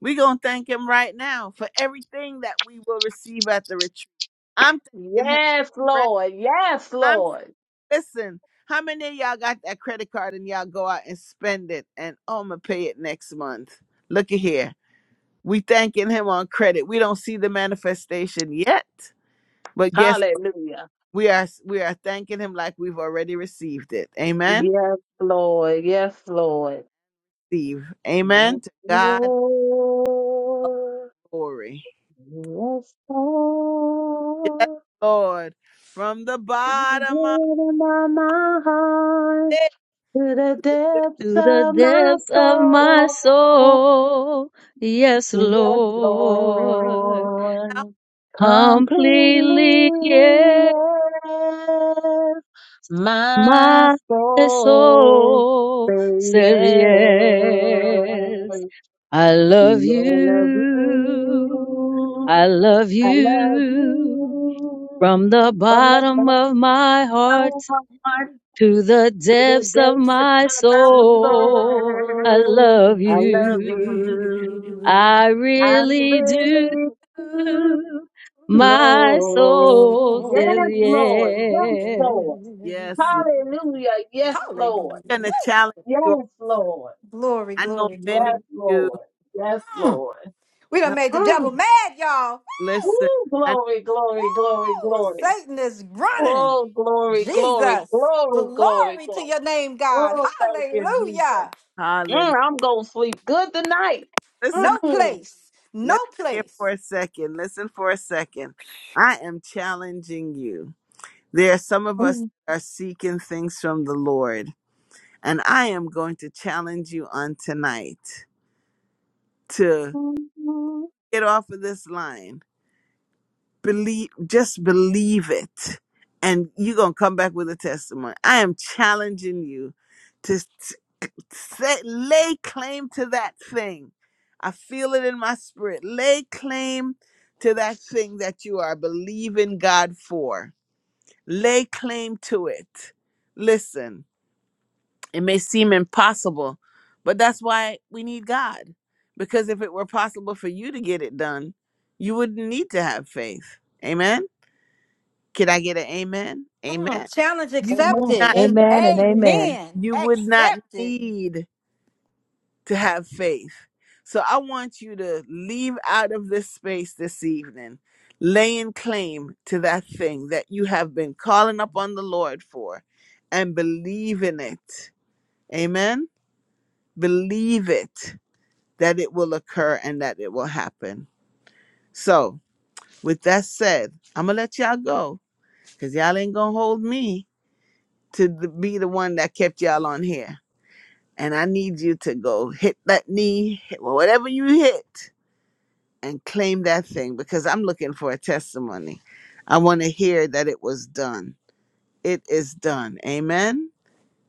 S1: We're going to thank him right now for everything that we will receive at the retreat. I'm thanking him
S4: Yes,
S1: credit.
S4: Lord. Yes,
S1: I'm
S4: Lord.
S1: listen. How many of y'all got that credit card and y'all go out and spend it and oh, I'm gonna pay it next month? Look at here. We thanking him on credit. We don't see the manifestation yet, but guess what?
S4: Hallelujah.
S1: we are we are thanking him like we've already received it. Amen.
S4: Yes, Lord. Yes, Lord.
S1: Steve. Amen.
S4: Yes,
S1: To God
S4: Lord.
S1: glory.
S4: Yes,
S1: Yes,
S4: Lord.
S1: Lord. From the bottom of
S4: To the depths of my heart
S1: it.
S4: to the depths
S6: to the
S4: of my
S6: depths of my
S4: soul.
S6: soul. Yes,
S4: Yes,
S6: Lord,
S1: down.
S4: Lord,
S6: completely,
S4: completely
S6: yes,
S4: yes. My
S6: my
S4: soul
S6: soul
S4: say
S6: says
S4: yes,
S6: yes. I love
S4: Yeah, I love
S6: you.
S4: you.
S6: I love
S4: I love
S6: you
S4: you
S6: from the
S4: from the
S6: bottom
S4: depths of
S6: of my heart
S4: my heart
S6: to the
S4: to the
S6: depths of
S4: depths of
S6: my
S4: my
S6: soul. I
S4: soul.
S6: love
S4: I love
S6: you.
S4: you.
S6: I
S4: I
S6: really do.
S4: really do.
S6: My
S4: Lord.
S6: soul says
S4: Yes, Lord. Yes,
S6: yes.
S4: Lord.
S1: Yes, Lord.
S4: Hallelujah. Yes, Lord.
S1: I'm gonna challenge you.
S4: Yes, Lord.
S7: Glory,
S1: I know
S7: glory,
S1: many of
S4: Yes,
S7: glory.
S1: you.
S4: Lord. Yes,
S7: Mm,
S4: Lord.
S7: We
S1: uh,
S7: done made the
S4: Mm.
S7: devil mad, y'all.
S4: Woo.
S1: Listen.
S4: Glory, glory, glory,
S7: Woo,
S4: glory.
S7: Satan is running.
S4: Oh, glory, glory,
S7: Jesus.
S4: glory, glory,
S7: Glory to
S4: glory.
S7: your name, God.
S4: Oh, thank you, Jesus.
S1: Hallelujah.
S4: Mm, I'm going to sleep good tonight.
S1: Listen,
S7: No
S1: up.
S4: Mm.
S7: place. No
S1: listen here
S7: place.
S1: for a second. Listen for a second. I am challenging you. There are some of us
S4: Mm.
S1: that are seeking things from the Lord, and I am going to challenge you on tonight to get off of this line. Believe, just believe it, and you're gonna come back with a testimony. I am challenging you. to. Say, lay claim to that thing. I feel it in my spirit. Lay claim to that thing that you are believing God for. Lay claim to it. Listen, it may seem impossible, but that's why we need God. Because if it were possible for you to get it done, you wouldn't need to have faith. Amen. Can I get an amen? Amen.
S7: Mm, challenge
S1: You would
S6: Amen.
S7: accepted.
S1: not
S7: And
S6: Amen and amen.
S7: amen.
S1: you would not need to have faith. So I want you to leave out of this space this evening, laying claim to that thing that you have been calling upon the Lord for and believe in it. Amen. Believe it that it will occur and that it will happen. So, with that said, I'm going to let y'all go because y'all ain't going to hold me to the, be the one that kept y'all on here. And I need you to go hit that knee, hit whatever you hit and claim that thing because I'm looking for a testimony. I want to hear that it was done. It is done. Amen.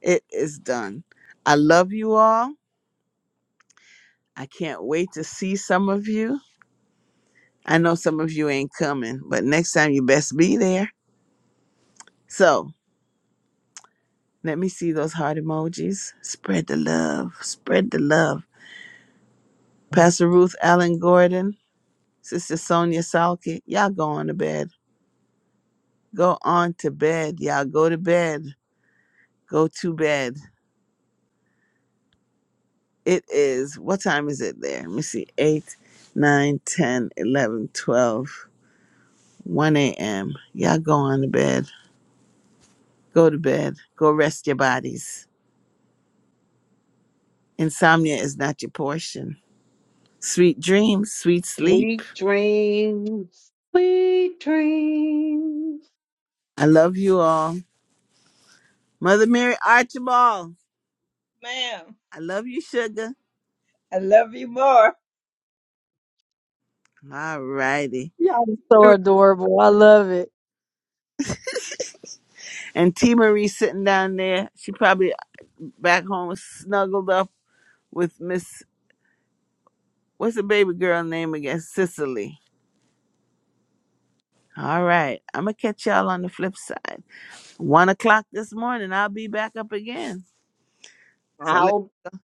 S1: It is done. I love you all. I can't wait to see some of you. I know some of you ain't coming, but next time you best be there. So let me see those heart emojis. Spread the love. Spread the love. Pastor Ruth Allen Gordon, Sister Sonia Salke, y'all go on to bed. Go on to bed. Y'all go to bed. Go to bed It is, what time is it there? Let me see. 8, nine, ten, eleven, twelve, one a.m. Y'all go on to bed. Go to bed. Go rest your bodies. Insomnia is not your portion. Sweet dreams, sweet sleep.
S4: Sweet dreams. Sweet dreams.
S1: I love you all. Mother Mary Archibald,
S2: Ma'am,
S1: I love you, sugar.
S2: I love you more.
S1: All righty.
S6: Y'all are so adorable. I love it.
S1: And T Marie sitting down there. She probably back home snuggled up with Miss, what's the baby girl name again? Cicely. All right. I'm going to catch y'all on the flip side. One o'clock this morning, I'll be back up again. So let,
S4: I'll,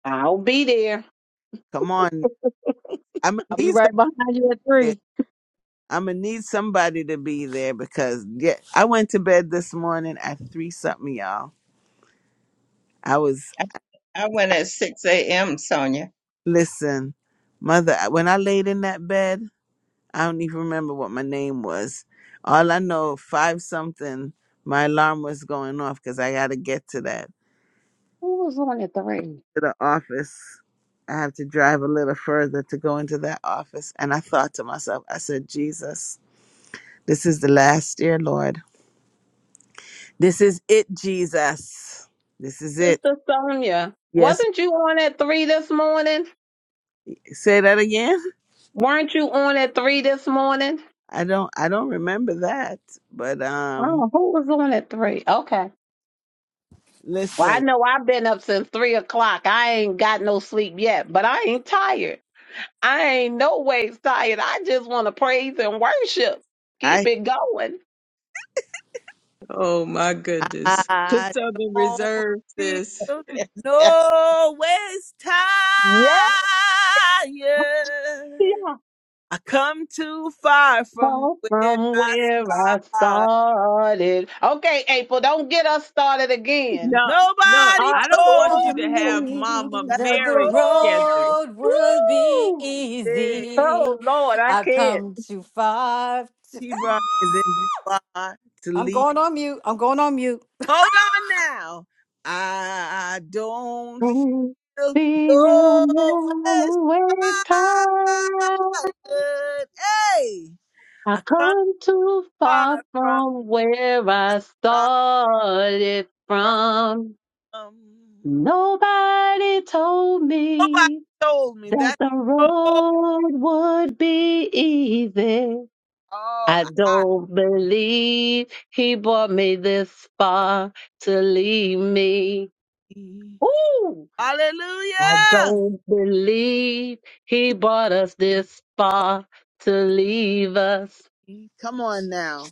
S4: I'll be there.
S1: come on. I'm going
S6: I'll
S1: to
S6: be
S1: need
S6: right behind you at
S1: somebody.
S6: three.
S1: I'm going to need somebody to be there because yeah, I went to bed this morning at three something, y'all. I was,
S2: I, I went at 6 a.m., Sonia.
S1: listen, mother, when I laid in that bed, I don't even remember what my name was. All I know, five something, my alarm was going off because I got to get to that.
S4: Who was on at three?
S1: to the office. I have to drive a little further to go into that office. And I thought to myself, I said, Jesus, this is the last year, Lord. This is it, Jesus. This is it.
S4: Sister Sonia,
S1: Yes.
S4: wasn't you on at three this morning?
S1: Say that again.
S4: Weren't you on at three this morning?
S1: I don't I don't remember that. But um
S4: Oh, who was on at three? Okay. Well, I
S1: listen,
S4: know I've been up since three o'clock. I ain't got no sleep yet, but I ain't tired. I ain't no ways tired. I just want to praise and worship. Keep
S1: I
S4: it going.
S9: Oh my goodness. Put
S1: I
S9: some in
S1: don't
S9: reserve,
S1: feel
S9: sis.
S1: no waste tired.
S4: Yeah, yeah.
S1: I come too far from
S4: Go
S1: where
S4: From
S1: I
S4: where I
S1: started.
S4: started. Okay, April, don't get us started again.
S9: No, look,
S1: Nobody
S4: Uh,
S9: I don't want
S1: told you
S9: you to
S7: Telling
S9: have
S7: me
S9: Mama
S1: that the
S7: that the
S9: Mary
S1: road was
S9: schedule.
S7: road would be
S4: Woo!
S1: big.
S7: easy.
S4: Oh Lord, I
S7: I've
S4: can't.
S7: come too far. to-
S1: He brought me this far to
S7: I'm
S1: leave.
S7: going on mute. I'm going on mute.
S1: Hold on now. I don't
S4: Mm.
S1: feel
S4: Feel
S1: no
S4: now waves high.
S1: tired. Hey,
S4: I
S1: I come
S4: come too
S1: far
S4: far
S1: from
S4: from where
S1: where I
S4: I
S1: started
S4: started from.
S1: from.
S4: Nobody told
S1: Nobody
S4: me
S1: told me
S4: that
S1: that
S4: the
S1: the road
S4: road would be easy.
S1: all
S4: I
S1: I
S4: don't believe he brought me this far to leave me. Ooh! I
S1: Hallelujah.
S4: don't believe he brought us this far to leave us.
S1: Come on now.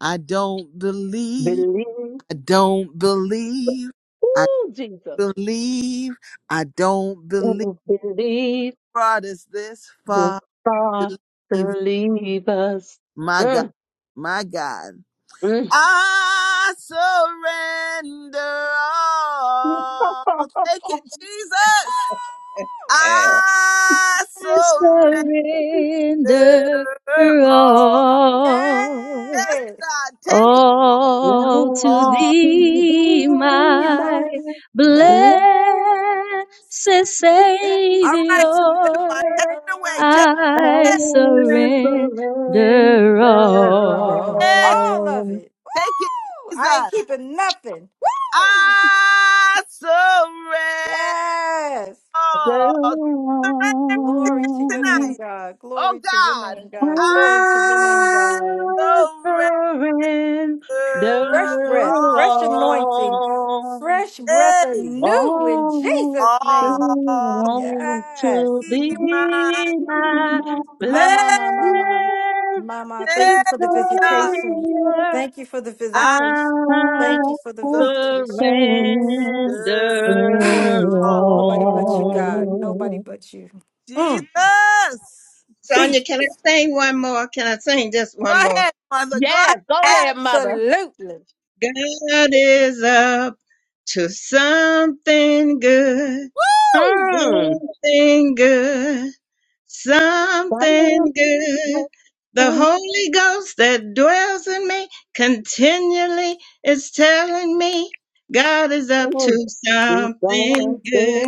S1: I don't believe.
S4: Believe,
S1: I don't believe. I
S4: ooh, Jesus,
S1: believe. I don't
S4: it
S1: believe.
S4: was believe
S1: God is this
S4: this
S1: far
S4: far
S1: to
S4: to
S1: leave.
S4: leave us.
S1: My God.
S4: Mm,
S1: My God.
S4: mm.
S1: I surrender all. Take it, Jesus. I
S6: I
S1: surrender
S6: surrender
S1: all.
S6: all,
S1: Yes,
S7: Yes.
S1: God. Take it
S6: all to
S1: all.
S4: Love to
S6: thee,
S4: be
S6: my
S7: My
S4: my
S7: blessed
S4: blessed
S6: blessed
S1: All right, Sister
S6: Savior.
S1: Yvonne, take it away. Take
S6: I
S1: it.
S4: I
S6: surrender
S7: Savior.
S4: surrender
S6: all.
S7: Oh,
S1: Yes,
S4: all.
S1: Take it,
S7: I
S1: Jesus.
S7: keep it.
S1: I surrender.
S7: Yes.
S4: The
S1: all.
S4: surrender
S1: Surrender
S7: Glory to your name,
S1: tonight.
S7: God.
S1: Oh,
S7: Glory to your
S1: God.
S7: name, God. Glory to your name,
S1: I
S7: God. Fresh
S1: surrender
S7: breath, fresh
S1: all.
S7: anointing, fresh breath
S4: all,
S1: Hey,
S7: anew in
S4: all
S7: Jesus' name.
S1: all
S4: to,
S7: Yes.
S4: to
S1: be mine.
S4: thee, my
S6: My
S7: Mama,
S1: Blessed
S7: mama, mama.
S6: blessed
S4: blessed
S7: Mama, thank you for the visitation.
S6: Savior,
S4: Savior.
S7: Thank you for the
S1: I
S7: visitation.
S4: I
S7: Thank you
S6: I
S7: for the visitation.
S6: surrender
S1: surrender
S4: surrender
S1: all.
S7: Nobody but you,
S4: all.
S7: God. Nobody
S6: all.
S7: but you. Mm,
S1: Jesus.
S2: Sonia,
S7: Jesus.
S2: can I sing one more? Can I sing just
S1: Go
S2: one more?
S1: ahead, mother. Go
S4: Yes, go
S1: ahead.
S4: ahead, mother.
S7: Absolutely.
S2: God is up to something good,
S1: Woo!
S4: Mm.
S2: something good, something good. The Holy Ghost that dwells in me continually is telling me God is up to something good.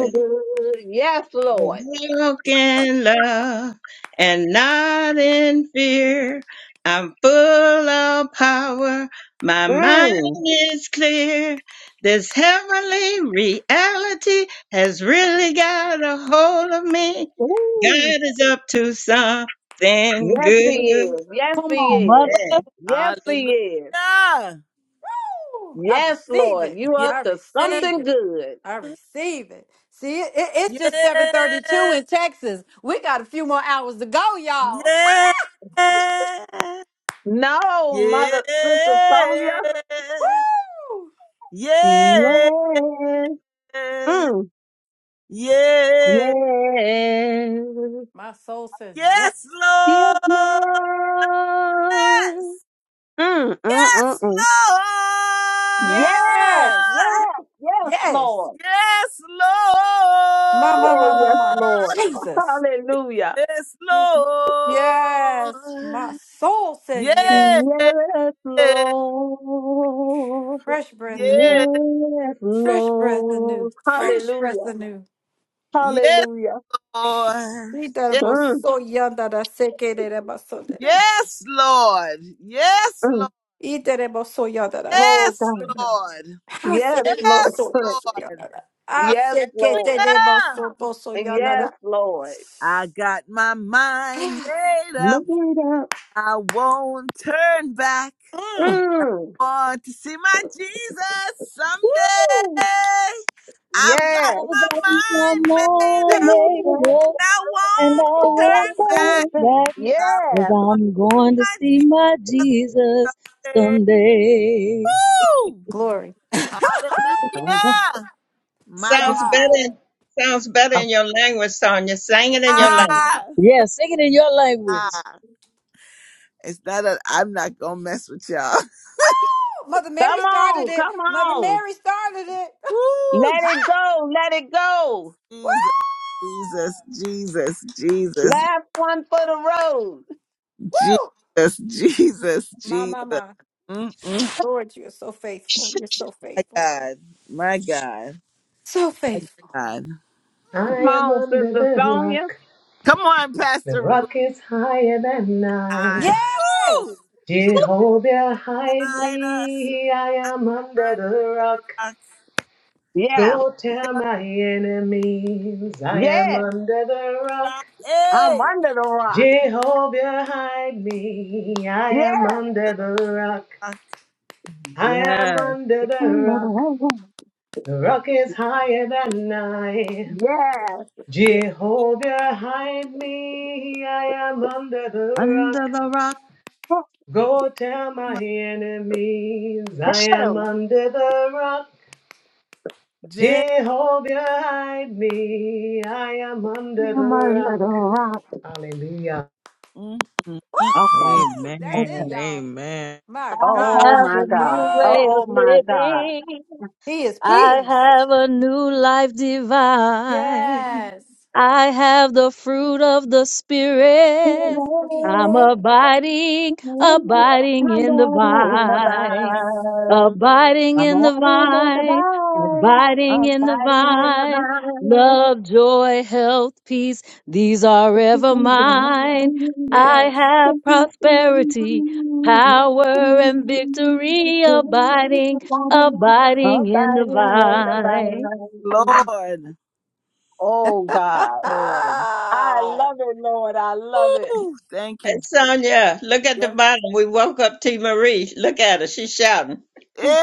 S4: Yes, Lord.
S2: Walk in love and not in fear. I'm full of power. My
S4: Mm.
S2: mind is clear. This heavenly reality has really got a hold of me.
S4: Ooh.
S2: God is up to something
S4: Yes, He
S2: good.
S4: is. Yes,
S6: Come
S4: He
S6: on,
S4: is.
S6: mother.
S4: Yes, He is.
S1: Hallelujah.
S7: Ooh, I
S4: Yes,
S7: receive
S4: Lord.
S7: it.
S4: You
S1: Yeah.
S4: up
S7: I
S4: to
S7: receive
S4: something
S7: it.
S4: good.
S7: I receive it. See, it, it- it's
S1: Yeah.
S7: just 732 in Texas. We got a few more hours to go, y'all.
S1: Yeah.
S4: No,
S1: Yeah.
S4: Mother Sister Sonia.
S7: Woo!
S1: Yeah.
S4: Yes. Mm.
S1: Yeah.
S4: Yes.
S7: My soul says yes.
S1: Yes,
S4: Yes,
S1: Lord.
S4: Lord.
S1: Yes.
S4: Mm, mm, mm,
S1: Yes,
S4: mm. Yes,
S7: Yes.
S1: Lord.
S4: yes, yes,
S7: Yes.
S4: Lord.
S1: Yes,
S7: My, my,
S4: Oh,
S7: my, my,
S4: yes,
S7: my.
S1: Lord.
S4: Lord.
S7: Jesus.
S4: Hallelujah.
S1: Yes,
S7: Yes. My
S1: Lord.
S7: soul says yes.
S1: Yes,
S4: Yes, Lord.
S7: Fresh breath anew.
S1: yes,
S4: Yes,
S7: Fresh breath anew.
S4: Lord.
S1: Lord.
S7: Fresh breath
S4: Hallelujah.
S7: anew.
S1: yes,
S4: Hallelujah.
S1: Lord.
S7: He that
S1: Yes,
S7: about
S4: Mm,
S7: so young that I say,
S1: yes, Lord. Yes,
S4: mm.
S1: Lord.
S7: Iterebosoyadaras.
S4: Oh,
S1: Yes,
S4: God.
S1: Lord.
S4: Yes, Lord.
S1: Yes, Lord.
S7: Haserebosobosoyadara.
S4: Yes, Lord.
S1: Hallelujah.
S4: Yes,
S7: Aseketerebosobosoyadara.
S4: Lord.
S1: I got my mind made
S4: Make
S1: up.
S4: it up.
S1: I won't turn back.
S7: Mm,
S4: Mm.
S1: Want to see my Jesus someday.
S4: Woo!
S1: I've got
S6: I've
S4: Yes.
S1: my
S6: got my
S1: mind made
S6: mind
S1: up, and
S6: made up
S1: I
S6: and I
S1: won't
S6: won't
S1: turn back.
S6: turn back,
S4: Yes.
S6: 'cause I'm going to
S1: I
S6: see my Jesus someday.
S1: Woo!
S7: Glory.
S1: Hallelujah. My
S2: Sounds
S1: God.
S2: better. Sounds better in your language, Sonia. Sing it in your
S4: Yes.
S2: language.
S1: Ah,
S6: Yeah, sing it in your language.
S1: ah. It's not that I'm not going to mess with y'all.
S7: Mother
S4: Come
S7: Mary started
S4: on,
S7: it.
S4: come
S7: Mother
S4: on.
S7: Mary started it.
S1: Woo,
S4: Let it go, let it go.
S7: Woo!
S1: Jesus, Jesus, Jesus, Jesus,
S4: Last one for the road.
S7: woo.
S1: Jesus, Jesus,
S7: My, my,
S1: Jesus.
S7: my.
S1: Mm-mm.
S7: Lord, you're so faithful. You're so
S1: My
S7: faithful.
S1: God, my God,
S7: So
S1: my
S7: faithful.
S1: God.
S8: I am under the rock.
S1: Come on,
S8: The
S1: Pastor Ruth.
S8: rock is higher than I.
S1: I,
S7: Yes.
S1: woo, just
S8: Jehovah, hide
S1: guide us
S8: me. I am under
S1: under
S8: the rock.
S1: a rock.
S8: Go tell my enemies, I am under the rock. Jehovah, hide me. I am under the rock. I am
S9: Yes.
S8: under the rock. The rock is higher than I.
S4: Yes.
S1: Hey,
S8: Jehovah, hide me, I am under the
S9: Under
S8: rock.
S9: the rock.
S8: Go tell
S1: my
S8: my enemies, I am
S4: Tell
S8: under the rock.
S1: Jesus.
S8: Jehovah, hide me, I am under
S4: 'em I'm
S8: the
S4: a
S8: rock.
S4: little rock.
S8: Hallelujah.
S1: Mm, mm, mm.
S4: Okay,
S7: Woo! That's it,
S9: Amen.
S4: okay.
S7: y'all.
S9: Amen.
S7: My
S6: I
S1: ah,
S7: God.
S4: Oh
S7: My
S6: have
S4: my
S6: a
S7: God.
S4: God.
S6: new way
S7: Oh,
S6: of
S4: Oh my God.
S6: living.
S7: he is
S6: I
S7: pleased.
S6: have a new life divine.
S7: Yes.
S6: I have the fruit of the
S7: He
S6: Spirit.
S7: is
S6: I'm
S7: pleased.
S6: abiding,
S4: I'm
S6: abiding in the
S4: out in the
S6: vine,
S4: vine.
S6: abiding
S4: I'm
S6: in the
S4: riding in the
S6: vine,
S4: vine.
S6: abiding
S4: I'm
S6: in the
S4: fighting in
S6: vine.
S4: the
S6: Love, joy, health, peace, these are ever mine.
S4: vine.
S6: I
S7: Yes.
S6: have
S4: Abiding in
S6: prosperity, power, and victory abiding abiding in the
S4: the
S6: vine.
S4: vine.
S1: Lord,
S4: Oh God.
S7: Ah,
S1: Lord.
S4: I love it, Lord. I love it.
S1: Woo. Thank you,
S2: Hey, Sonia, look at the
S1: Jesus.
S2: bottom. We woke up T. Marie. Look at her. She's shouting.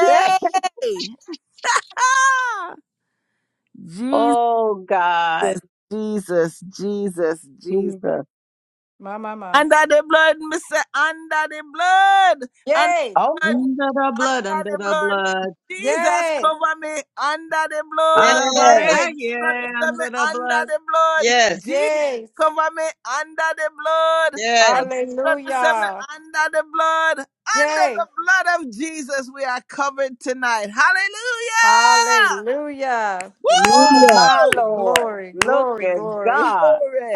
S1: Ah! Jesus,
S4: oh God.
S1: Jesus, Jesus, Jesus.
S4: Jesus.
S7: My, my, my.
S1: Under the blood, Mr. Under the blood. Under the
S7: yay.
S4: Oh
S1: blood.
S9: Under the blood,
S1: under
S9: under
S1: the
S9: the
S1: blood.
S9: blood.
S1: Jesus,
S7: Yay.
S1: cover me under the
S9: Out
S1: blood.
S9: of body,
S7: Yay.
S2: Yes,
S9: yeah,
S1: Under me
S9: under the
S1: under the blood.
S2: yes,
S1: Jesus,
S7: Yay.
S1: cover me under the blood. And
S2: yes.
S1: blood me me
S7: Hallelujah.
S1: under the blood. Under the
S7: Yay.
S1: blood of Jesus, we are covered tonight. Hallelujah!
S7: Hallelujah.
S6: Hallelujah.
S1: Woo!
S7: Glory,
S4: look,
S7: glory, glory.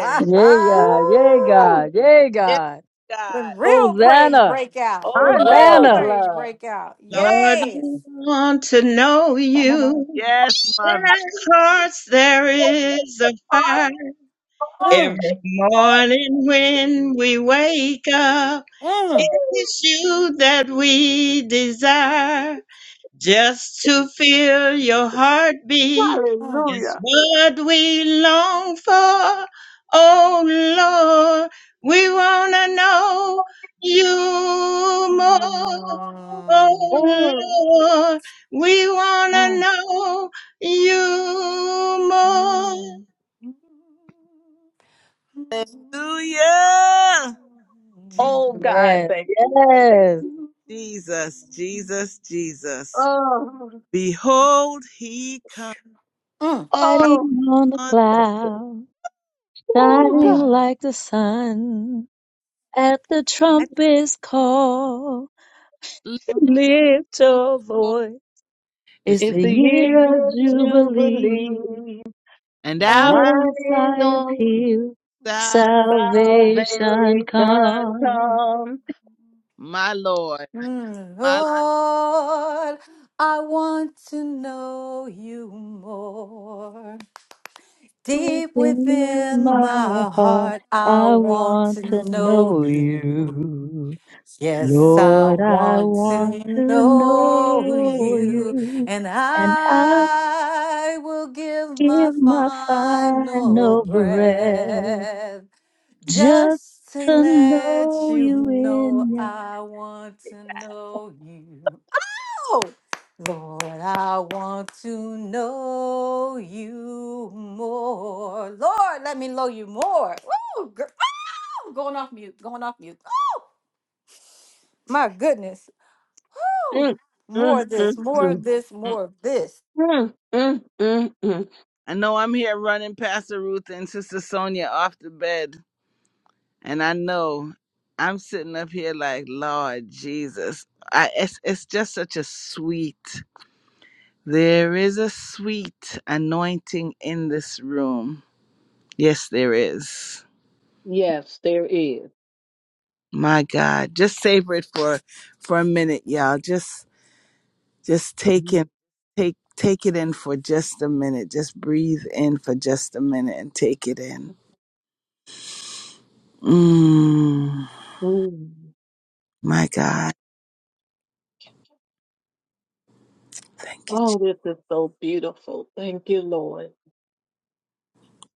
S6: Yay, God. Yay, God. Yay,
S1: Yes,
S6: God.
S7: when
S1: God.
S7: real praise
S6: Hosanna,
S7: break out. When real
S1: Woo!
S6: Hosanna,
S7: praise break out.
S1: My,
S2: Lord,
S7: Yes.
S2: we want to know
S7: Mm,
S2: you.
S1: yes,
S2: In
S1: my
S2: our hearts there is a fire. Every morning when we wake up,
S7: mm,
S2: it's you that we desire. Just to feel your heartbeat
S7: mm,
S2: is
S4: hallelujah.
S2: what we long for. Oh Lord, we wanna know you more. Oh
S7: mm.
S4: Mm.
S2: Lord, we wanna
S7: Oh,
S2: know you more.
S7: mm. Mm, mm,
S1: Hallelujah!
S4: Oh God,
S6: Amen.
S4: thank you.
S6: Yes.
S7: mm,
S1: Jesus, Jesus, Jesus.
S4: Oh,
S1: Behold, he comes right
S4: oh,
S6: riding on the
S1: on
S6: cloud,
S4: oh
S6: shining
S4: God.
S6: like the sun. At the
S1: at the
S6: trumpet's call,
S1: little
S6: lift your
S1: door.
S6: voice. It's
S1: It's-
S4: It's
S6: the
S4: the
S6: year of
S4: year of
S6: Jubilee.
S4: Jubilee.
S1: And out
S6: Out of
S4: Running
S6: Zion's
S4: on
S6: hill,
S1: thou,
S6: salvation
S4: salvation
S6: comes.
S4: comes.
S1: my Lord,
S7: mm.
S1: my
S7: Lord, I want to know you more. Deep
S6: within
S7: within
S6: my
S7: my
S6: heart.
S7: heart, I
S6: I
S7: want
S6: want
S7: to
S6: to
S7: know
S6: know
S7: you.
S6: you.
S7: Yes, I
S6: Lord, I
S7: want
S6: want
S7: to
S6: to
S7: know
S6: know
S7: you,
S6: you.
S7: and
S6: And I'll
S7: I will give my
S6: give my
S7: final
S6: final breath
S7: breath
S6: just
S7: just to
S6: to
S7: let
S6: know
S7: you
S6: you
S7: know
S6: in
S7: I want to know you. Oh, Lord, I want to know you more. Lord, let me know you more. Woo, girl, oh, going off mute, going off mute. My goodness. Woo!
S4: Mm,
S7: More
S4: mm,
S7: of
S4: mm,
S7: this,
S1: mm,
S7: more of
S4: mm,
S7: this,
S1: mm.
S7: more of this.
S4: mm, mm, mm, mm,
S1: I know I'm here running Pastor Ruth and Sister Sonia off the bed, and I know I'm sitting up here like Lord Jesus. I it's it's just such a sweet. There is a sweet anointing in this room. Yes, there is. My God, just savor it for for a minute, y'all. Just just take in
S4: mm,
S1: take take it in for just a minute. Just breathe in for just a minute and take it in. Mm,
S4: mm.
S1: my God, thank you, Je-
S4: Oh, this is so beautiful. Thank you, Lord.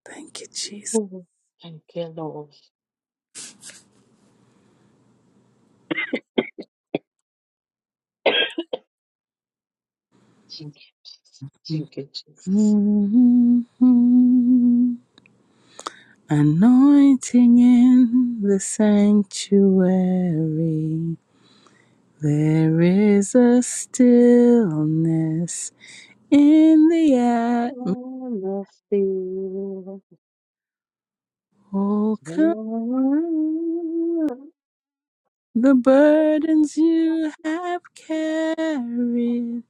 S1: thank you, Jesus.
S4: Mhm. Thank you, Lord. Thank you, thank you, Jesus.
S1: Mhm. Anointing in the sanctuary. There is a stillness in the
S4: I must
S1: atmosphere.
S4: be.
S1: The burdens you have carried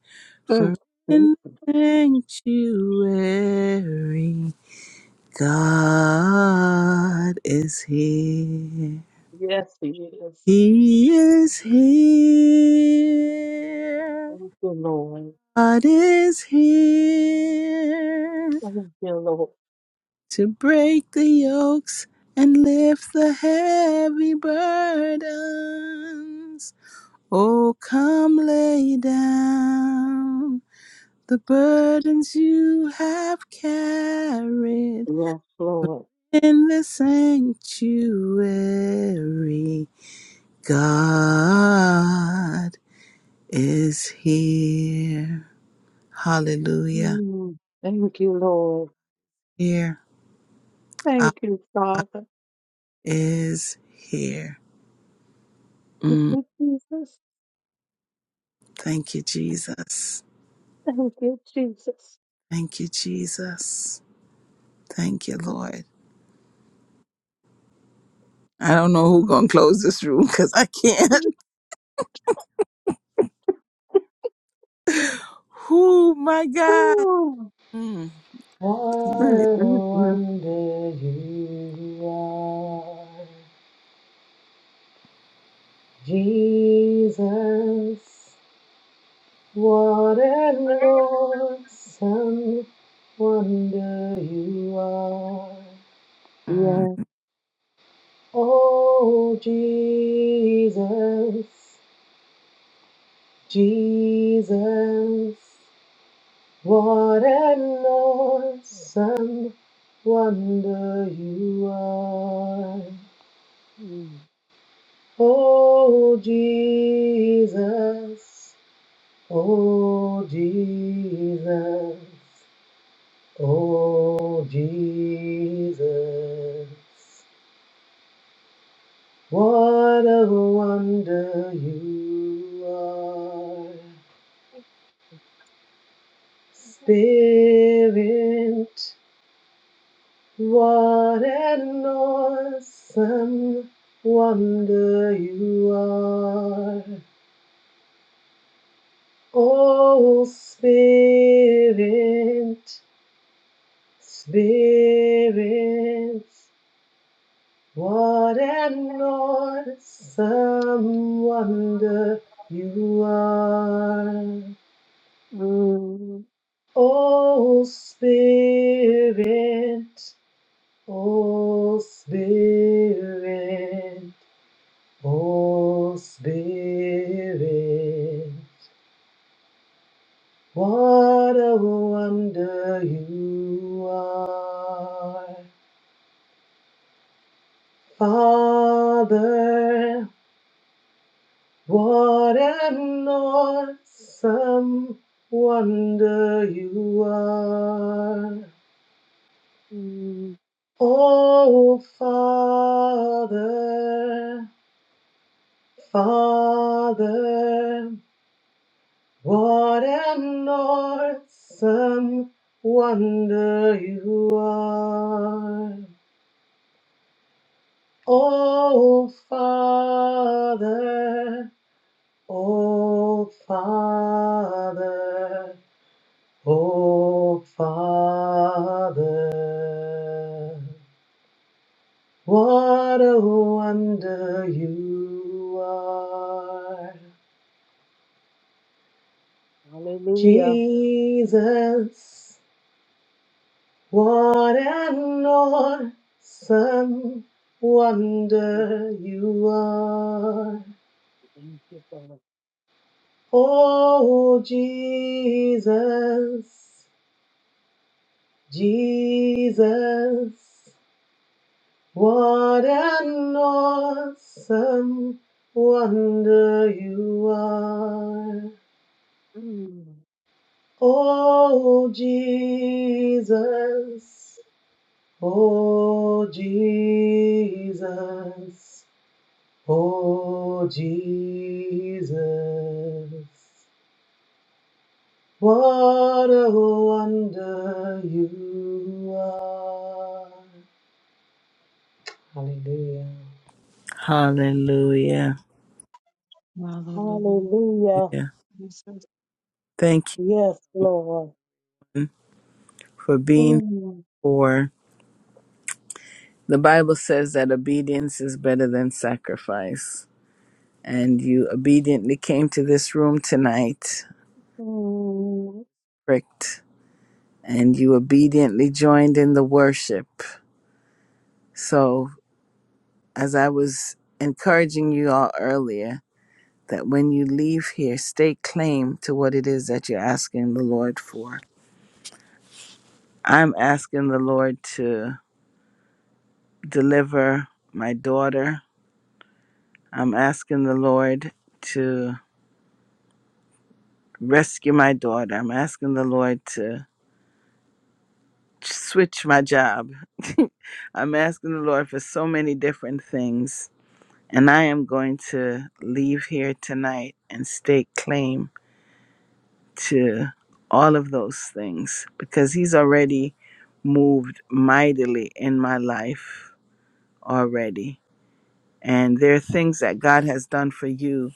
S4: Mm.
S1: for
S4: Mm.
S1: in the sanctuary, God is here.
S4: Yes, he is.
S1: He is here.
S4: Thank you, Lord.
S1: God is here
S4: Thank you, Lord.
S1: to break the yokes and lift the heavy burdens. Oh, come lay down the burdens you have carried
S4: Yes, Lord.
S1: in the sanctuary. God is here. Hallelujah.
S4: Mm. Thank you, Lord.
S1: Here. Abba
S4: Thank you, Father.
S1: is here.
S4: Thank
S1: Mm.
S4: you, Jesus.
S1: Thank you, Jesus.
S4: Thank you, Jesus.
S1: Thank you, Jesus. Thank you, Lord. I don't know who gonna close this room because I can't. Who, my God.
S4: Ooh.
S1: Mm,
S8: What
S4: Mm,
S8: a
S4: mm, mm.
S8: wonder you are, Jesus. What a Lord, some wonder you are.
S1: Mm.
S4: Yes.
S8: Oh, Jesus, Jesus, what an awesome wonder you are.
S4: Mm.
S8: Oh, Jesus, oh, Jesus, oh, Jesus, what a wonder you are. Spirit, what an awesome wonder you are. Oh, Spirit, Spirit, what an awesome wonder you are.
S4: Mm,
S8: Oh, Spirit, Oh Spirit, oh Spirit, what a wonder you are. Father, what an awesome wonder you are.
S4: mm.
S8: Oh Father, Father, What an awesome wonder you are. Oh, Father, oh, Father, oh, Father. What a wonder you are.
S4: Hallelujah.
S8: Jesus, What an awesome wonder you are.
S4: Thank you, Father.
S8: Oh, Jesus, Jesus, what an awesome wonder you are.
S4: Mm.
S8: Oh, Jesus, oh, Jesus. Oh, Jesus, what a wonder you are. Hallelujah.
S1: Hallelujah.
S9: blood. Hallelujah.
S4: Hallelujah.
S1: Yeah. Thank
S4: Yes, Lord.
S1: you for being
S4: Mm,
S1: for the Bible says that obedience is better than sacrifice. And you obediently came to this room tonight,
S4: mm.
S1: pricked, and you obediently joined in the worship. So as I was encouraging you all earlier, that when you leave here, stake claim to what it is that you're asking the Lord for I'm asking the Lord to deliver my daughter. I'm asking the Lord to rescue my daughter. I'm asking the Lord to switch my job. I'm asking the Lord for so many different things. And I am going to leave here tonight and stake claim to all of those things because He's already moved mightily in my life already And there are things that God has done for you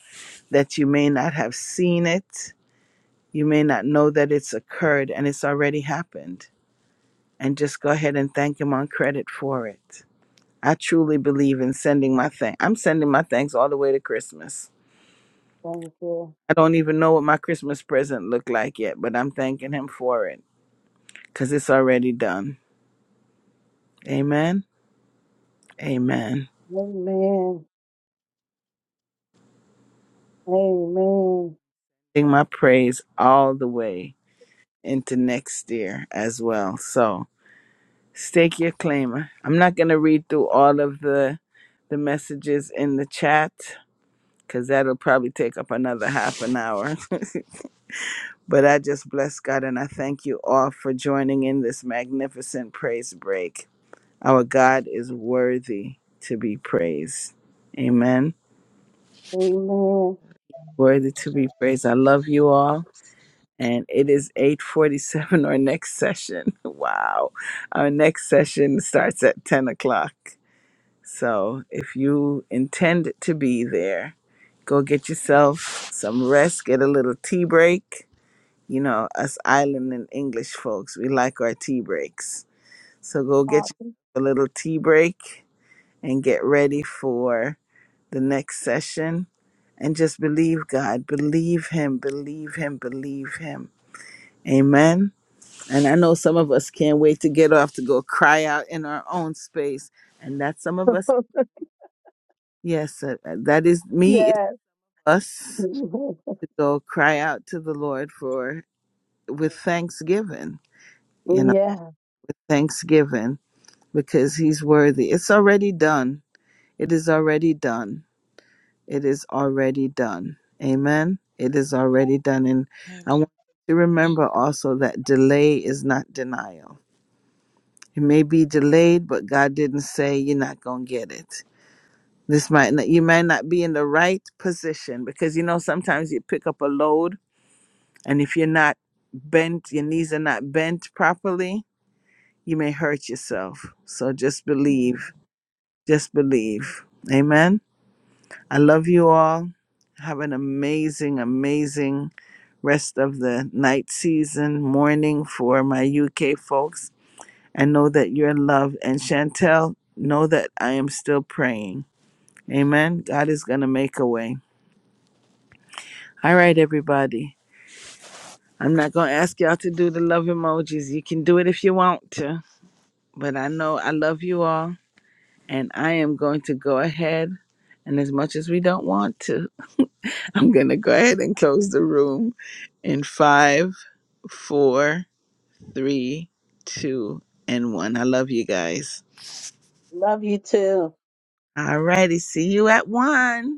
S1: that you may not have seen it. You may not know that it's occurred and it's already happened. And just go ahead and thank Him on credit for it. I truly believe in sending my thanks. I'm sending my thanks all the way to Christmas.
S4: Thank you.
S1: I don't even know what my Christmas present looked like yet, but I'm thanking Him for it because it's already done. Amen. Amen.
S4: Amen. Amen.
S1: Sing my praise all the way into next year as well. So, Stake your claimer. I'm not going to read through all of the the messages in the chat because that'll probably take up another half an hour. But I just bless God and I thank you all for joining in this magnificent praise break. Our God is worthy to be praised. Amen.
S4: Amen.
S1: Worthy to be praised. I love you all. And it is 847 our next session. Wow. Our next session starts at 10 o'clock. So if you intend to be there, go get yourself some rest, get a little tea break. You know, us island and English folks, we like our tea breaks. So go get you a little tea break and get ready for the next session and just believe God, believe him, believe him, believe him. Amen. And I know some of us can't wait to get off to go cry out in our own space. And that some of us
S4: Awesome.
S1: Yes, uh, uh, that is me. It's
S4: Yes.
S1: us to go cry out to the Lord for with thanksgiving, you know,
S4: yeah.
S1: thanksgiving because He's worthy. It's already done. It is already done. It is already done. Amen. It is already done. And I want you to remember also that delay is not denial. It may be delayed, but God didn't say you're not going to get it. This might not, you might not be in the right position because you know sometimes you pick up a load And if you're not bent, your knees are not bent properly, you may hurt yourself. So just believe. Just believe. Amen. I love you all. Have an amazing, amazing rest of the night season, morning for my UK folks. And know that you're loved. And Chantel, know that I am still praying. Amen. God is going to make a way. All right, everybody. I'm not going to ask y'all to do the love emojis. You can do it if you want to. but I know I love you all, and I am going to go ahead. And as much as we don't want to, I'm going to go ahead and close the room in five, four, three, two, and one. I love you guys.
S4: Love you too.
S1: All righty. See you at one.